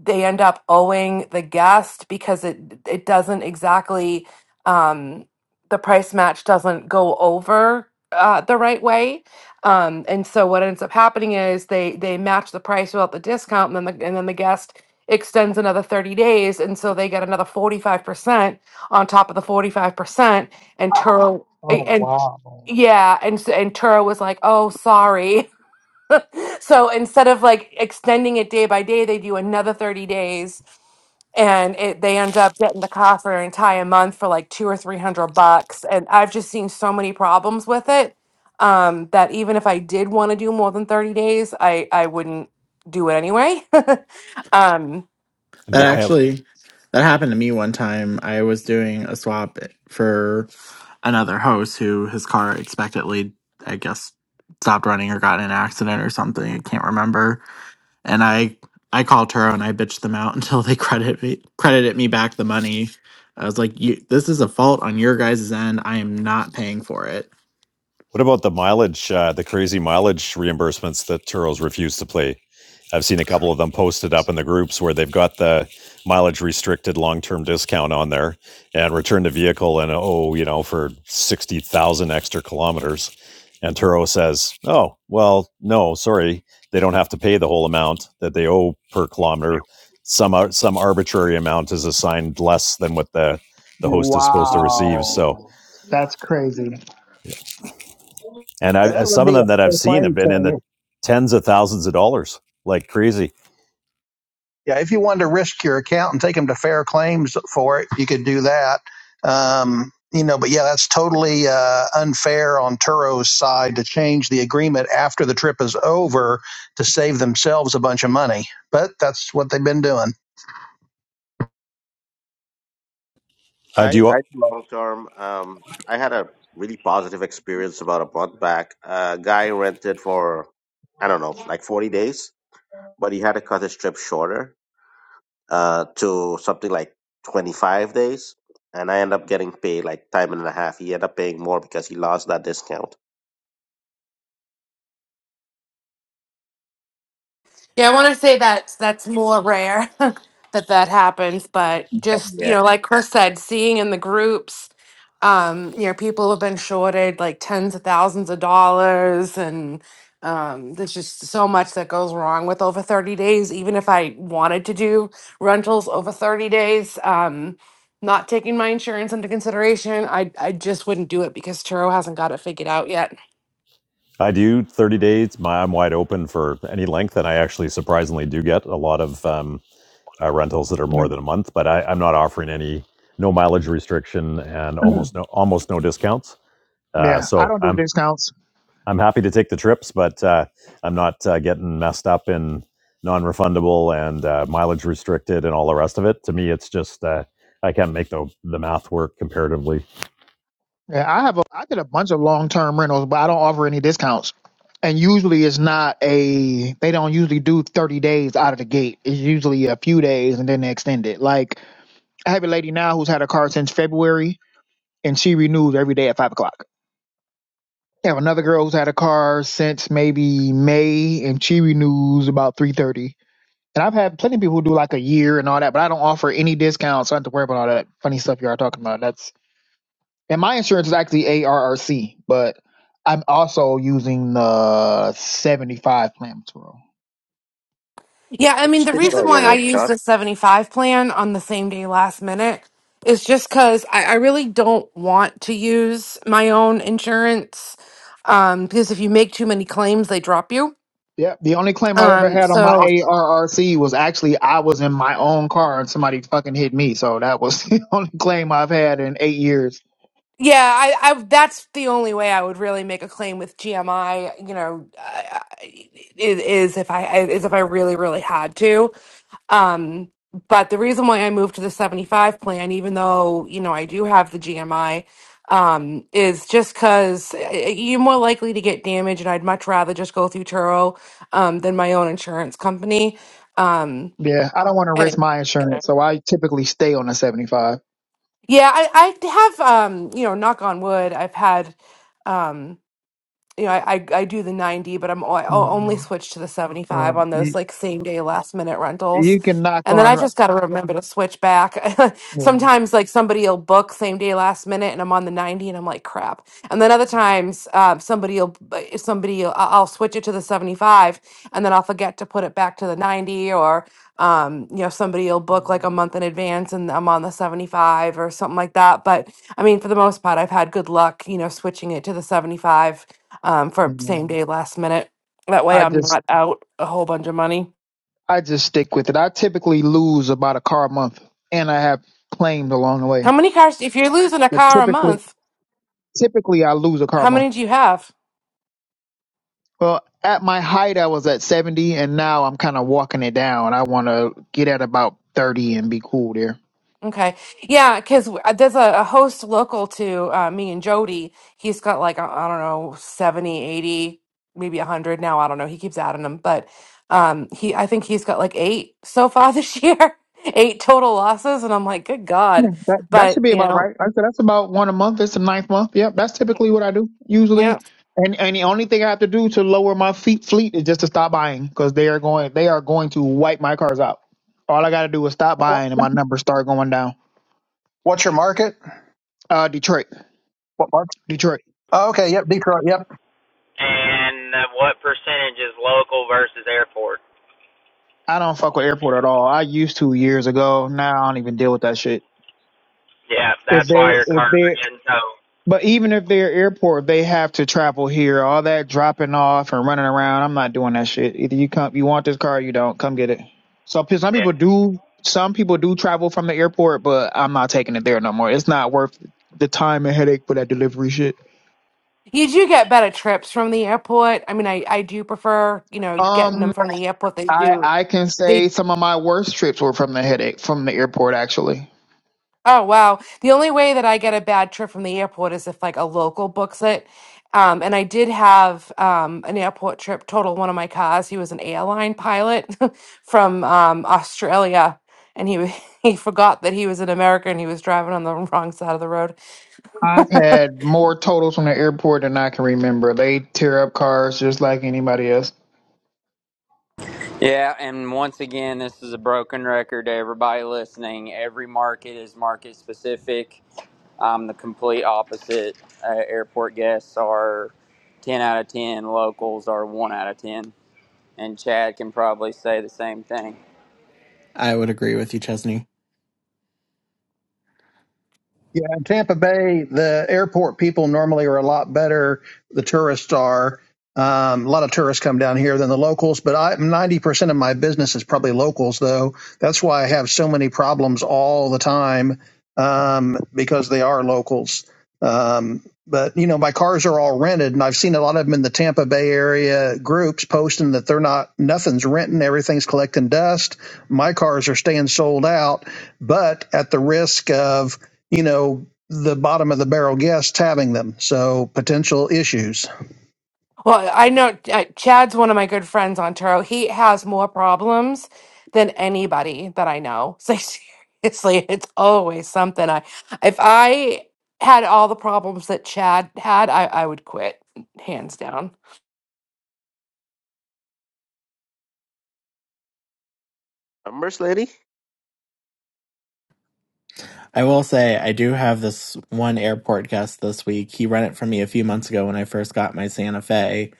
F: they end up owing the guest because it it doesn't exactly um, the price match doesn't go over uh, the right way, um, and so what ends up happening is they they match the price without the discount, and then the and then the guest extends another 30 days and so they get another 45% on top of the 45% and Turo and
I: Oh
F: and-
I: wow,
F: yeah and s- and Turo was like oh sorry So instead of like extending it day by day, they do another 30 days and it, they end up getting the car for an entire month for like two or 300 bucks. And I've just seen so many problems with it um, that even if I did want to do more than 30 days, I, I wouldn't do it anyway. um,
D: That
B: D-
F: no.
B: uh,
D: actually that happened to me one time. I was doing a swap for another host who his car expectedly, I guess, stopped running or got in an accident or something. I can't remember. And I I called her and I bitched them out until they credit me credited me back the money. I was like, you, this is a fault on your guys' end. I am not paying for it.
B: What about the mileage, uh, the crazy mileage reimbursements that Turo's refused to play? I've seen a couple of them posted up in the groups where they've got the mileage restricted long term discount on there and return the vehicle and oh, you know, for 60,000 extra kilometers. And Turo says, oh, well, no, sorry. They don't have to pay the whole amount that they owe per kilometer. Some, some arbitrary amount is assigned less than what the, the host is supposed to receive. So,
I: wow, that's crazy.
B: And
C: Yeah,
B: I,
C: that would
B: some of
C: be a
B: them that I've
C: full
B: seen have
C: claim
B: been in
C: thing.
B: the tens of thousands of dollars, like crazy.
C: Yeah, if you wanted to risk your account and take them to fair claims for it, you could do that. Um, you know, but yeah, that's totally uh, unfair on Turo's side to change the agreement after the trip is over to save themselves a bunch of money. But that's what they've been doing.
B: I
A: I
B: do.
A: I long term. Um, I had a really positive experience about a month back. A guy rented for I don't know, like forty days, but he had to cut his trip shorter uh, to something like 25 days, and I end up getting paid like time and a half. He ended up paying more because he lost that discount.
F: Yeah, I want to say that that's more rare that that happens, but just, you
A: Yeah,
F: know, like Chris said, seeing in the groups, um, you know, people have been shorted like tens of thousands of dollars and um, there's just so much that goes wrong with over 30 days. Even if I wanted to do rentals over 30 days, um, not taking my insurance into consideration, I, I just wouldn't do it because Turo hasn't got it figured out yet.
B: I do 30 days. My, I'm wide open for any length, and I actually surprisingly do get a lot of um, uh, rentals that are more than a month. But I, I'm not offering any no mileage restriction and almost no almost no discounts. Uh,
I: Yeah, I
B: so
I: don't do
B: I'm
I: discounts.
B: I'm happy to take the trips, but uh, I'm not uh, getting messed up in non-refundable and uh, mileage restricted and all the rest of it. To me, it's just uh, I can't make the the math work comparatively.
I: Yeah, I have a I did a bunch of long term rentals, but I don't offer any discounts. And usually it's not a they don't usually do thirty days out of the gate. It's usually a few days and then they extend it. Like I have a lady now who's had a car since February and she renews every day at five o'clock. I have another girl who's had a car since maybe May and she renews about three thirty. And I've had plenty of people who do like a year and all that, but I don't offer any discounts. So I don't have to worry about all that funny stuff you are talking about. That's And my insurance is actually ARRC, but I'm also using the 75 plan tomorrow.
F: Yeah, I mean,
A: which
F: the
C: Yeah, I've
A: didn't
C: had a,
F: reason
A: give you
F: why I
A: it,
F: used
A: Sean.
F: the 75 plan on the same day last minute is just because I, I really don't want to use my own insurance. Um, because if you make too many claims, they drop you.
I: Yeah, The only claim I've ever
F: Um,
I: had on my
F: so
I: ARRC was actually I was in my own car and somebody fucking hit me. So that was the only claim I've had in eight years.
F: yeah, I, I that's the only way I would really make a claim with GMI, you know, uh, is, is if I is if I really, really had to. Um, but the reason why I moved to the 75 plan, even though, you know, I do have the GMI, um, is just because you're more likely to get damage, and I'd much rather just go through Turo um, than my own insurance company. Um,
I: Yeah. I don't want to risk
F: and
I: my insurance. So I typically stay on the 75.
F: yeah, I, I have, um, you know, knock on wood, I've had. Um, you know, I, I I do the 90, but I'm o- I
I: Mm,
F: only
I: mm,
F: switch to the
I: mm.
F: 75 on those
I: You,
F: like same day last minute rentals.
I: you can knock
F: And then I
I: on.
F: just got to remember to switch back.
I: Yeah.
F: Sometimes like somebody will book same day last minute and I'm on the 90 and I'm like crap. And then other times um, somebody will b- somebody will, I- I'll switch it to the 75 and then I'll forget to put it back to the 90 or um, you know somebody will book like a
I: Mm,
F: month in advance and I'm on the 75 or something like that. But I mean for the most part I've had good luck, you know, switching it to the 75 um, for
I: mm,
F: same
I: mm.
F: day, last minute. That way
I: I
F: I'm
I: just
F: not out a whole bunch of money.
I: I just stick with it. I typically lose about a car a month, and I have claimed along the way.
F: How many cars, if you're losing a
I: But
F: car a
I: typically,
F: month,
I: typically I lose a car a
F: how
I: month.
F: many do you have?
I: Well, at my height, I was at seventy, and now I'm kind of walking it down. I want to get at about thirty and be cool there.
F: Okay. Yeah, because there's a, a host local to uh, me and Jody. He's got like, I I don't know, seventy, eighty, 80, maybe 100 now. I don't know. He keeps adding them. But um, he, I think he's got like eight so far this year, eight total losses. And I'm like, good God.
I: Yeah, that that should
F: But,
I: be
F: you
I: about
F: know,
I: right. Like I said that's about one a month. It's the ninth month. Yep, that's typically what I do
F: yeah.
I: usually. And and the only thing I have to do to lower my feet fleet is just to stop buying because they are going they are going to wipe my cars out. All I got to do is stop
C: what,
I: buying and my numbers start going down.
C: what's your market?
I: Uh, Detroit,
C: What market?
I: Detroit.
C: Oh, okay, yep, Detroit. Yep.
H: and uh, what percentage is local versus airport?
I: I don't fuck with airport at all. I used to years ago. Now I don't even deal with that shit.
H: Yeah,
I: If
H: that's
I: they
H: why your
I: if
H: cars are
I: they
H: getting towed.
I: But even if they're airport, they have to travel here. All that dropping off and running around. I'm not doing that shit. Either you come, you want this car, or you don't. Come get it. So p- some people do. Some people do travel from the airport, but I'm not taking it there no more. It's not worth the time and headache for that delivery shit.
F: You do get better trips from the airport. I mean, I, I do prefer, you know, getting
I: Um,
F: them from the airport. They
I: I
F: do.
I: I can say
F: They,
I: some of my worst trips were from the headache from the airport. Actually,
F: oh, wow. The only way that I get a bad trip from the airport is if like a local books it. Um, and I did have um, an airport trip total one of my cars. He was an airline pilot from um, Australia. And he w- he forgot that he was an American. he was driving on the wrong side of the road.
I: I've had more totals from the airport than I can remember. They tear up cars just like anybody else.
H: Yeah, and once again, this is a broken record to everybody listening. Every market is market specific. I'm the complete opposite. Uh, airport guests are 10 out of 10, locals are 1 out of 10. And Chad can probably say the same thing.
D: I would agree with you, Chesney.
C: Yeah, in Tampa Bay, the airport people normally are a lot better. The tourists are. Um, a lot of tourists come down here than the locals, but I, 90% of my business is probably locals, though. That's why I have so many problems all the time um, because they are locals. Um, but, you know, my cars are all rented, and I've seen a lot of them in the Tampa Bay area groups posting that they're not, nothing's renting, everything's collecting dust. My cars are staying sold out, but at the risk of, you know, the bottom of the barrel guests having them. So potential issues.
F: Well, I know uh, Chad's one of my good friends on Turo. He has more problems than anybody that I know. So seriously, it's always something. I if I had all the problems that Chad had, I, I would quit hands down.
A: Numbers, lady.
D: I will say I do have this one airport guest this week. He rented it for me a few months ago when I first got my Santa Fe,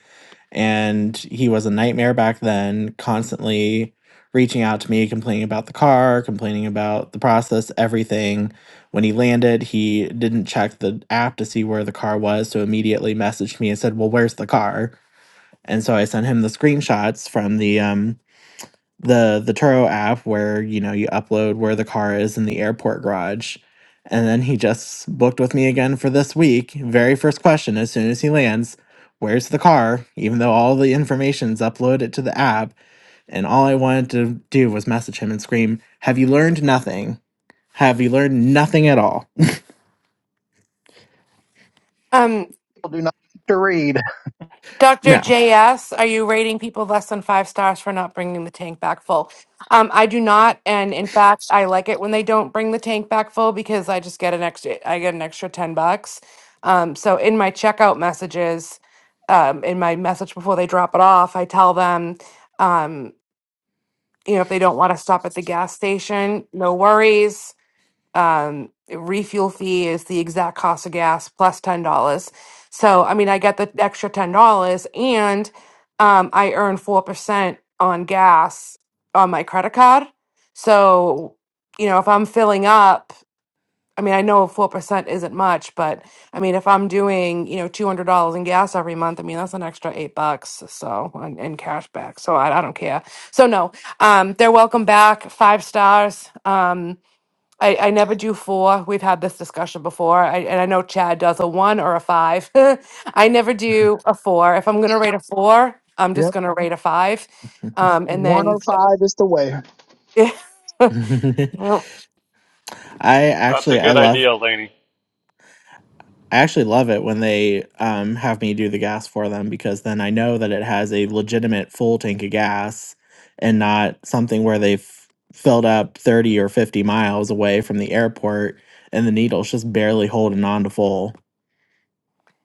D: and he was a nightmare back then, constantly reaching out to me, complaining about the car, complaining about the process, everything. When he landed, he didn't check the app to see where the car was, so immediately messaged me and said, "Well, where's the car?" And so I sent him the screenshots from the um the the Turo app where you know you upload where the car is in the airport garage. And then he just booked with me again for this week. Very first question as soon as he lands, where's the car? Even though all the information's uploaded to the app, and all I wanted to do was message him and scream, "Have you learned nothing? Have you learned nothing at all?"
F: Um,
C: People do not like to read
F: Dr.
D: No.
F: JS, are you rating people less than five stars for not bringing the tank back full? Um, I do not, and in fact, I like it when they don't bring the tank back full because I just get an extra. I get an extra ten bucks. Um, so in my checkout messages, um, in my message before they drop it off, I tell them, um, you know, if they don't want to stop at the gas station, no worries um, refuel fee is the exact cost of gas plus ten dollars. So I mean, I get the extra ten dollars, and um, I earn four percent on gas on my credit card. So you know, if I'm filling up, I mean, I know four percent isn't much, but I mean, if I'm doing you know two hundred dollars in gas every month, I mean that's an extra eight bucks so in, in cash back. So I, I don't care. So no, um, they're welcome back, five stars. Um, I, I never do four. We've had this discussion before. I, and I know Chad does a one or a five. I never do a four. If I'm going to rate a four, I'm just
I: Yep,
F: going to rate a five. Um, and then,
I: 105 is the way.
D: I
F: Well,
E: that's a
D: actually I
E: good
D: love
E: idea, Laney.
D: I actually love it when they um, have me do the gas for them because then I know that it has a legitimate full tank of gas and not something where they've filled up 30 or 50 miles away from the airport and the needle's just barely holding on to full.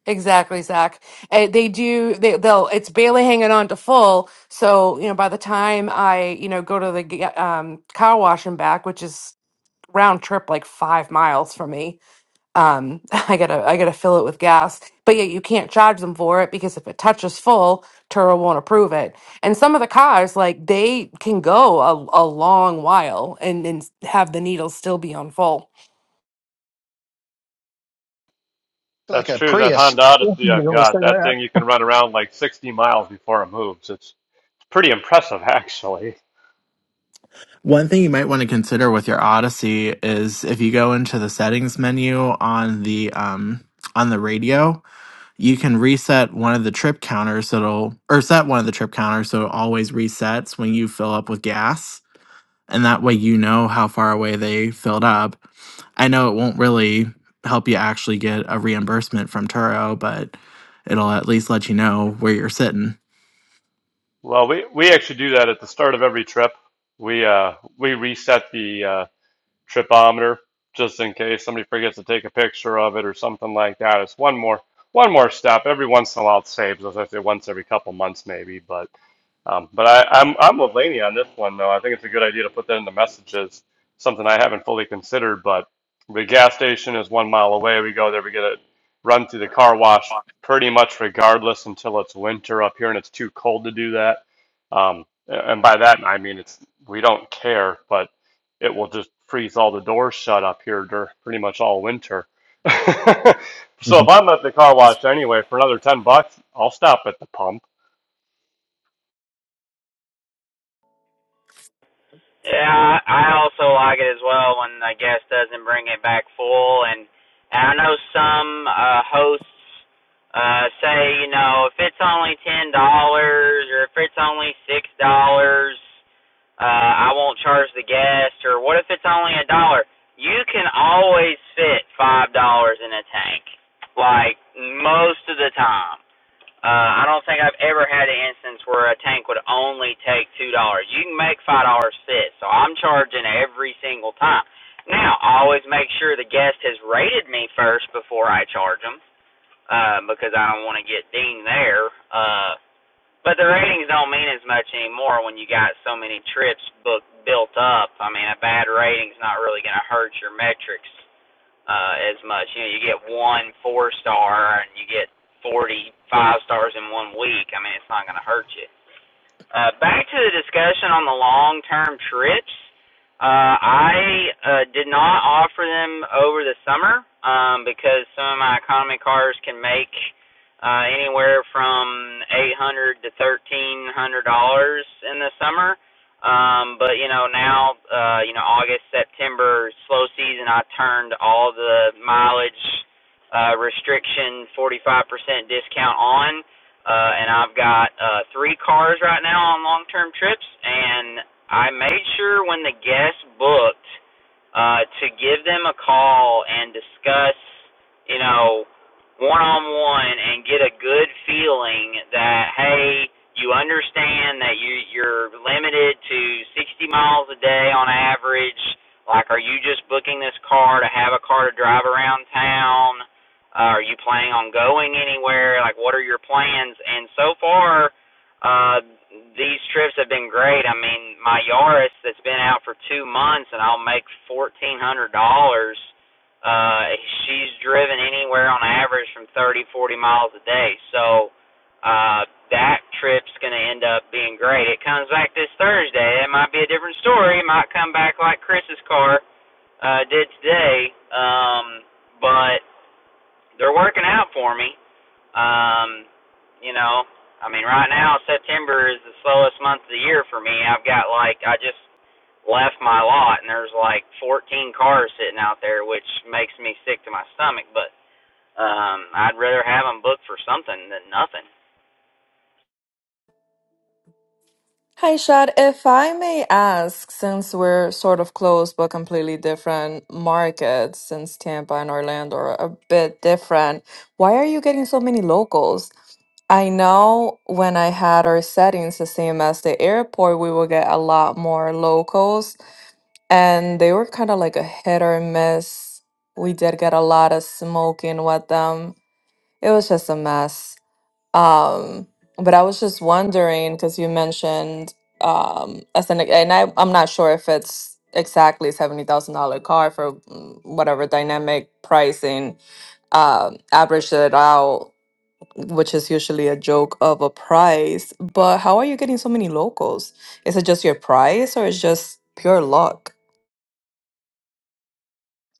F: exactly, Zach. Uh, they do, they, they'll, it's barely hanging on to full. So, you know, by the time I, you know, go to the g- um, car wash and back, which is round trip like five miles for me, um i gotta i gotta fill it with gas but yet you can't charge them for it because if it touches full turo won't approve it and some of the cars like they can go a, a long while and, and have the needles still be on full
C: like
E: That's
C: a
E: true. That
C: Prius.
E: Honda Odyssey I've
C: I'll say
E: got, that
C: that.
E: thing you can run around like 60 miles before it moves. It's pretty impressive, actually.
D: One thing you might want to consider with your Odyssey is if you go into the settings menu on the um, on the radio, you can reset one of the trip counters so it'll or set one of the trip counters so it always resets when you fill up with gas and that way you know how far away they filled up. I know it won't really help you actually get a reimbursement from Turo, but it'll at least let you know where you're sitting.
E: Well, we, we actually do that at the start of every trip. We uh, we reset the uh, tripometer just in case somebody forgets to take a picture of it or something like that. It's one more one more step. Every once in a while, it saves us. I say once every couple months, maybe, but. Um, but I, I'm I'm with Laney on this one though. I think it's a good idea to put that in the messages. Something I haven't fully considered, but the gas station is one mile away. We go there, we get a run through the car wash pretty much regardless until it's winter up here and it's too cold to do that. Um, and by that I mean it's we don't care, but it will just freeze all the doors shut up here dur pretty much all winter. so if I'm at the car wash anyway for another ten bucks, I'll stop at the pump
H: Yeah, I also like it as well when the guest doesn't bring it back full. And, and I know some uh, hosts uh, say, you know, if it's only ten dollars or if it's only six dollars, uh, I won't charge the guest, or what if it's only a dollar? You can always fit five dollars in a tank, like most of the time. Uh, I don't think I've ever had an instance where a tank would only take two dollars. You can make five dollars fit, so I'm charging every single time. Now, I always make sure the guest has rated me first before I charge them, uh, because I don't want to get dinged there. Uh, but the ratings don't mean as much anymore when you got so many trips booked built up. I mean, a bad rating's not really going to hurt your metrics uh, as much. You know, you get one four star and you get forty five stars in one week. I mean, it's not going to hurt you. Uh, back to the discussion on the long term trips. Uh, I uh, did not offer them over the summer um, because some of my economy cars can make uh, anywhere from eight hundred dollars to thirteen hundred dollars in the summer. Um, but you know now, uh, you know August, September, slow season. I turned all the mileage uh, restriction, forty five percent discount on uh, and I've got uh three cars right now on long term trips and I made sure when the guest booked uh, to give them a call and discuss, you know, one on one and get a good feeling that hey, you understand that you you're limited to 60 miles a day on average. Like, are you just booking this car to have a car to drive around town? Uh, are you planning on going anywhere? Like, what are your plans? And so far, uh, these trips have been great. I mean, my Yaris that's been out for two months, and I'll make fourteen hundred dollars. Uh, she's driven anywhere on average from thirty, forty miles a day. So uh, that trip's going to end up being great. It comes back this Thursday. It might be a different story. It might come back like Chris's car uh, did today. Um, but they're working out for me. Um, you know, I mean, right now September is the slowest month of the year for me. I've got like I just left my lot and there's like 14 cars sitting out there, which makes me sick to my stomach. But um, I'd rather have them booked for something than nothing.
J: Hi, Shad. If I may ask, since we're sort of close but completely different markets, since Tampa and Orlando are a bit different, why are you getting so many locals? I know when I had our settings the same as the airport, we would get a lot more locals, and they were kind of like a hit or miss. We did get a lot of smoking with them. It was just a mess. Um, but I was just wondering because you mentioned um, as an and I I'm not sure if it's exactly seventy thousand dollar car for mm, whatever dynamic pricing um, averaged it out, which is usually a joke of a price. But how are you getting so many locals? Is it just your price or is just pure luck?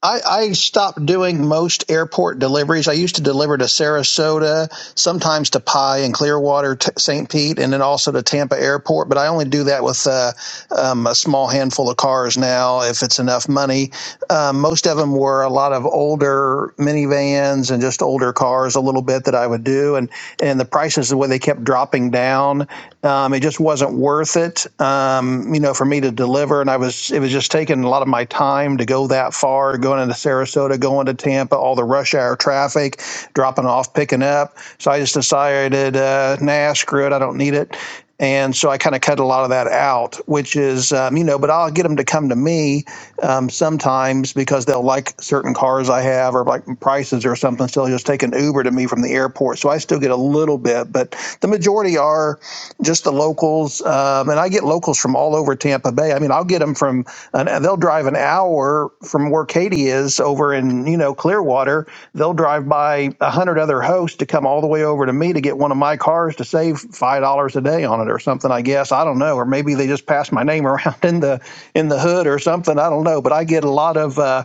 C: I, I stopped doing most airport deliveries. I used to deliver to Sarasota, sometimes to Pye and Clearwater, t- St. Pete, and then also to Tampa Airport. But I only do that with uh, um, a small handful of cars now, if it's enough money Um, most of them were a lot of older minivans and just older cars a little bit that I would do. And, and the prices, the way they kept dropping down, um, it just wasn't worth it, um, you know, for me to deliver. And I was, it was just taking a lot of my time to go that far, going into Sarasota, going to Tampa, all the rush hour traffic, dropping off, picking up. So I just decided, uh, nah, screw it. I don't need it. And so I kind of cut a lot of that out, which is, um, you know, but I'll get them to come to me um, sometimes because they'll like certain cars I have or like prices or something. So they'll just take an Uber to me from the airport. So I still get a little bit, but the majority are just the locals, um, and I get locals from all over Tampa Bay. I mean, I'll get them from, an, they'll drive an hour from where Katie is over in you know Clearwater. They'll drive by a hundred other hosts to come all the way over to me to get one of my cars to save five dollars a day on it or something. I guess I don't know, or maybe they just pass my name around in the in the hood or something. I don't know, but I get a lot of. Uh,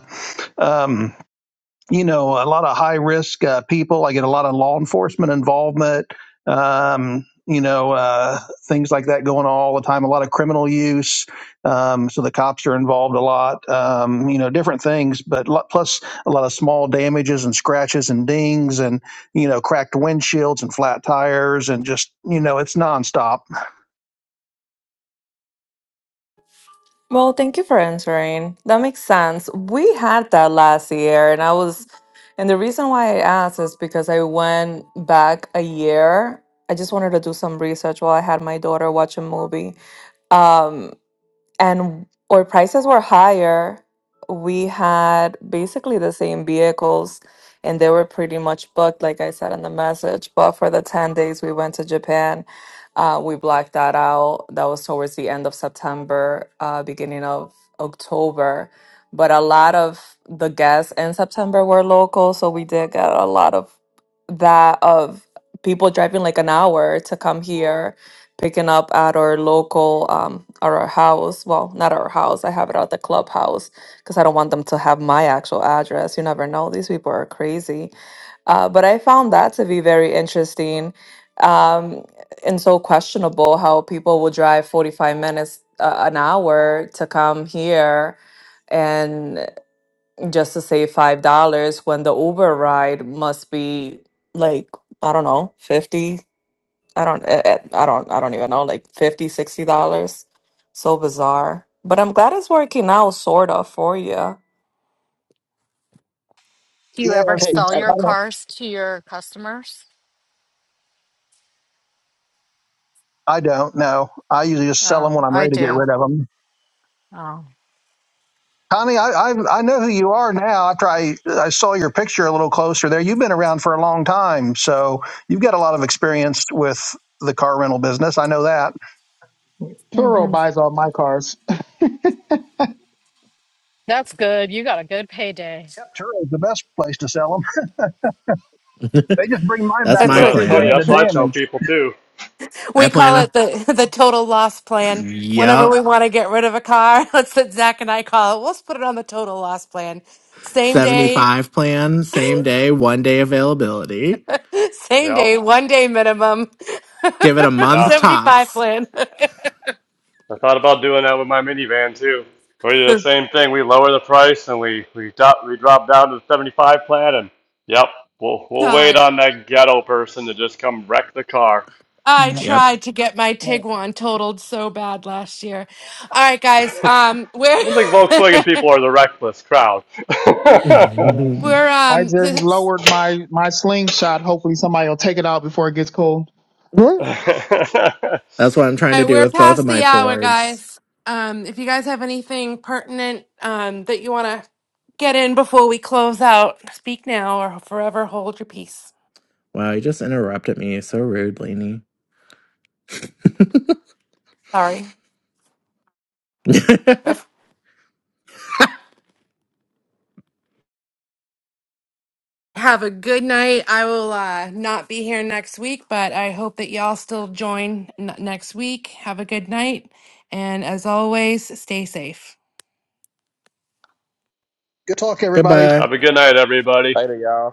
C: um, you know, a lot of high risk uh, people. I get a lot of law enforcement involvement, um, you know, uh, things like that going on all the time, a lot of criminal use. Um, so the cops are involved a lot, um, you know, different things, but lo- plus a lot of small damages and scratches and dings and, you know, cracked windshields and flat tires and just, you know, it's nonstop.
J: Well, thank you for answering. That makes sense. We had that last year, and I was, and the reason why I asked is because I went back a year. I just wanted to do some research while I had my daughter watch a movie. Um, and or prices were higher. We had basically the same vehicles and they were pretty much booked, like I said in the message. But for the 10 days we went to Japan, uh, we blacked that out. That was towards the end of September, uh, beginning of October. But a lot of the guests in September were local, so we did get a lot of that of people driving like an hour to come here picking up at our local um at our house well not our house i have it at the clubhouse because i don't want them to have my actual address you never know these people are crazy uh, but i found that to be very interesting um and so questionable how people will drive 45 minutes uh, an hour to come here and just to save five dollars when the uber ride must be like i don't know 50 I don't, eh, eh, I don't, I don't even know, like 50, 60 dollars. So bizarre. But I'm glad it's working out, sort of, for you.
G: Do you ever
C: Yes,
A: Hey,
G: sell
C: it's,
A: I
C: I
G: your
C: don't.
G: cars to your customers?
C: I don't know. I usually just sell
G: Oh,
C: them when I'm
G: I
C: ready to get
G: do.
C: rid of them.
G: Oh,
C: Connie, I, I I know who you are now. After I I saw your picture a little closer there, you've been around for a long time, so you've got a lot of experience with the car rental business. I know that.
I: Turo
G: hmm
I: buys all my cars.
G: that's good. You got a good payday.
C: Yep, Turo's the best place to sell them. They just bring mine
D: That's
C: back
E: You
F: that's
D: my
C: with
E: know,
F: what
E: that's
C: two
E: funny.
D: plan.
C: grand of
E: That's what I tell
C: damage.
E: people too.
D: I
F: we
D: plan
F: call
D: a
F: it the the total loss plan whenever we
D: yep,
F: want to get rid of a car that's what zach and i call it let's put it on the total loss plan same day
D: 75 plan, same day, one day availability.
F: same
E: Yeah,
F: day one day minimum
D: Give it a month
E: yeah.
F: 75
D: tops.
F: plan
E: I thought about doing that with my minivan too. We do the same thing. We lower the price and we we drop we drop down to the 75 plan and yep, we'll we'll wait
F: god
E: on that ghetto person to just come wreck the car.
F: I
I: Yeah,
D: Yep.
F: tried to get my
I: yeah.
F: Tiguan totaled so bad last year. All right, guys. Um,
E: I
F: we're
E: don't think Volkswagen people are the reckless crowd.
I: yeah.
F: we're
I: I
F: um
I: just
F: this is-
I: lowered my my slingshot. Hopefully somebody will take it out before it gets cold.
D: What? That's what what I'm trying
F: all
D: to
F: right,
D: do
F: we're
D: with both of
F: past the
D: my
F: hour,
D: Fords.
F: guys. Um, if you guys have anything pertinent um that you want to get in before we close out, speak now or forever hold your peace.
D: Wow, you just interrupted me so rude, Lainey.
F: Sorry. If- Have a good night. I will uh, not be here next week, but I hope that y'all still join n- next week. Have a good night, and as always, stay safe.
C: Good talk, everybody.
D: Goodbye.
E: Have a good night, everybody.
K: Later, y'all.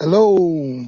I: Hello.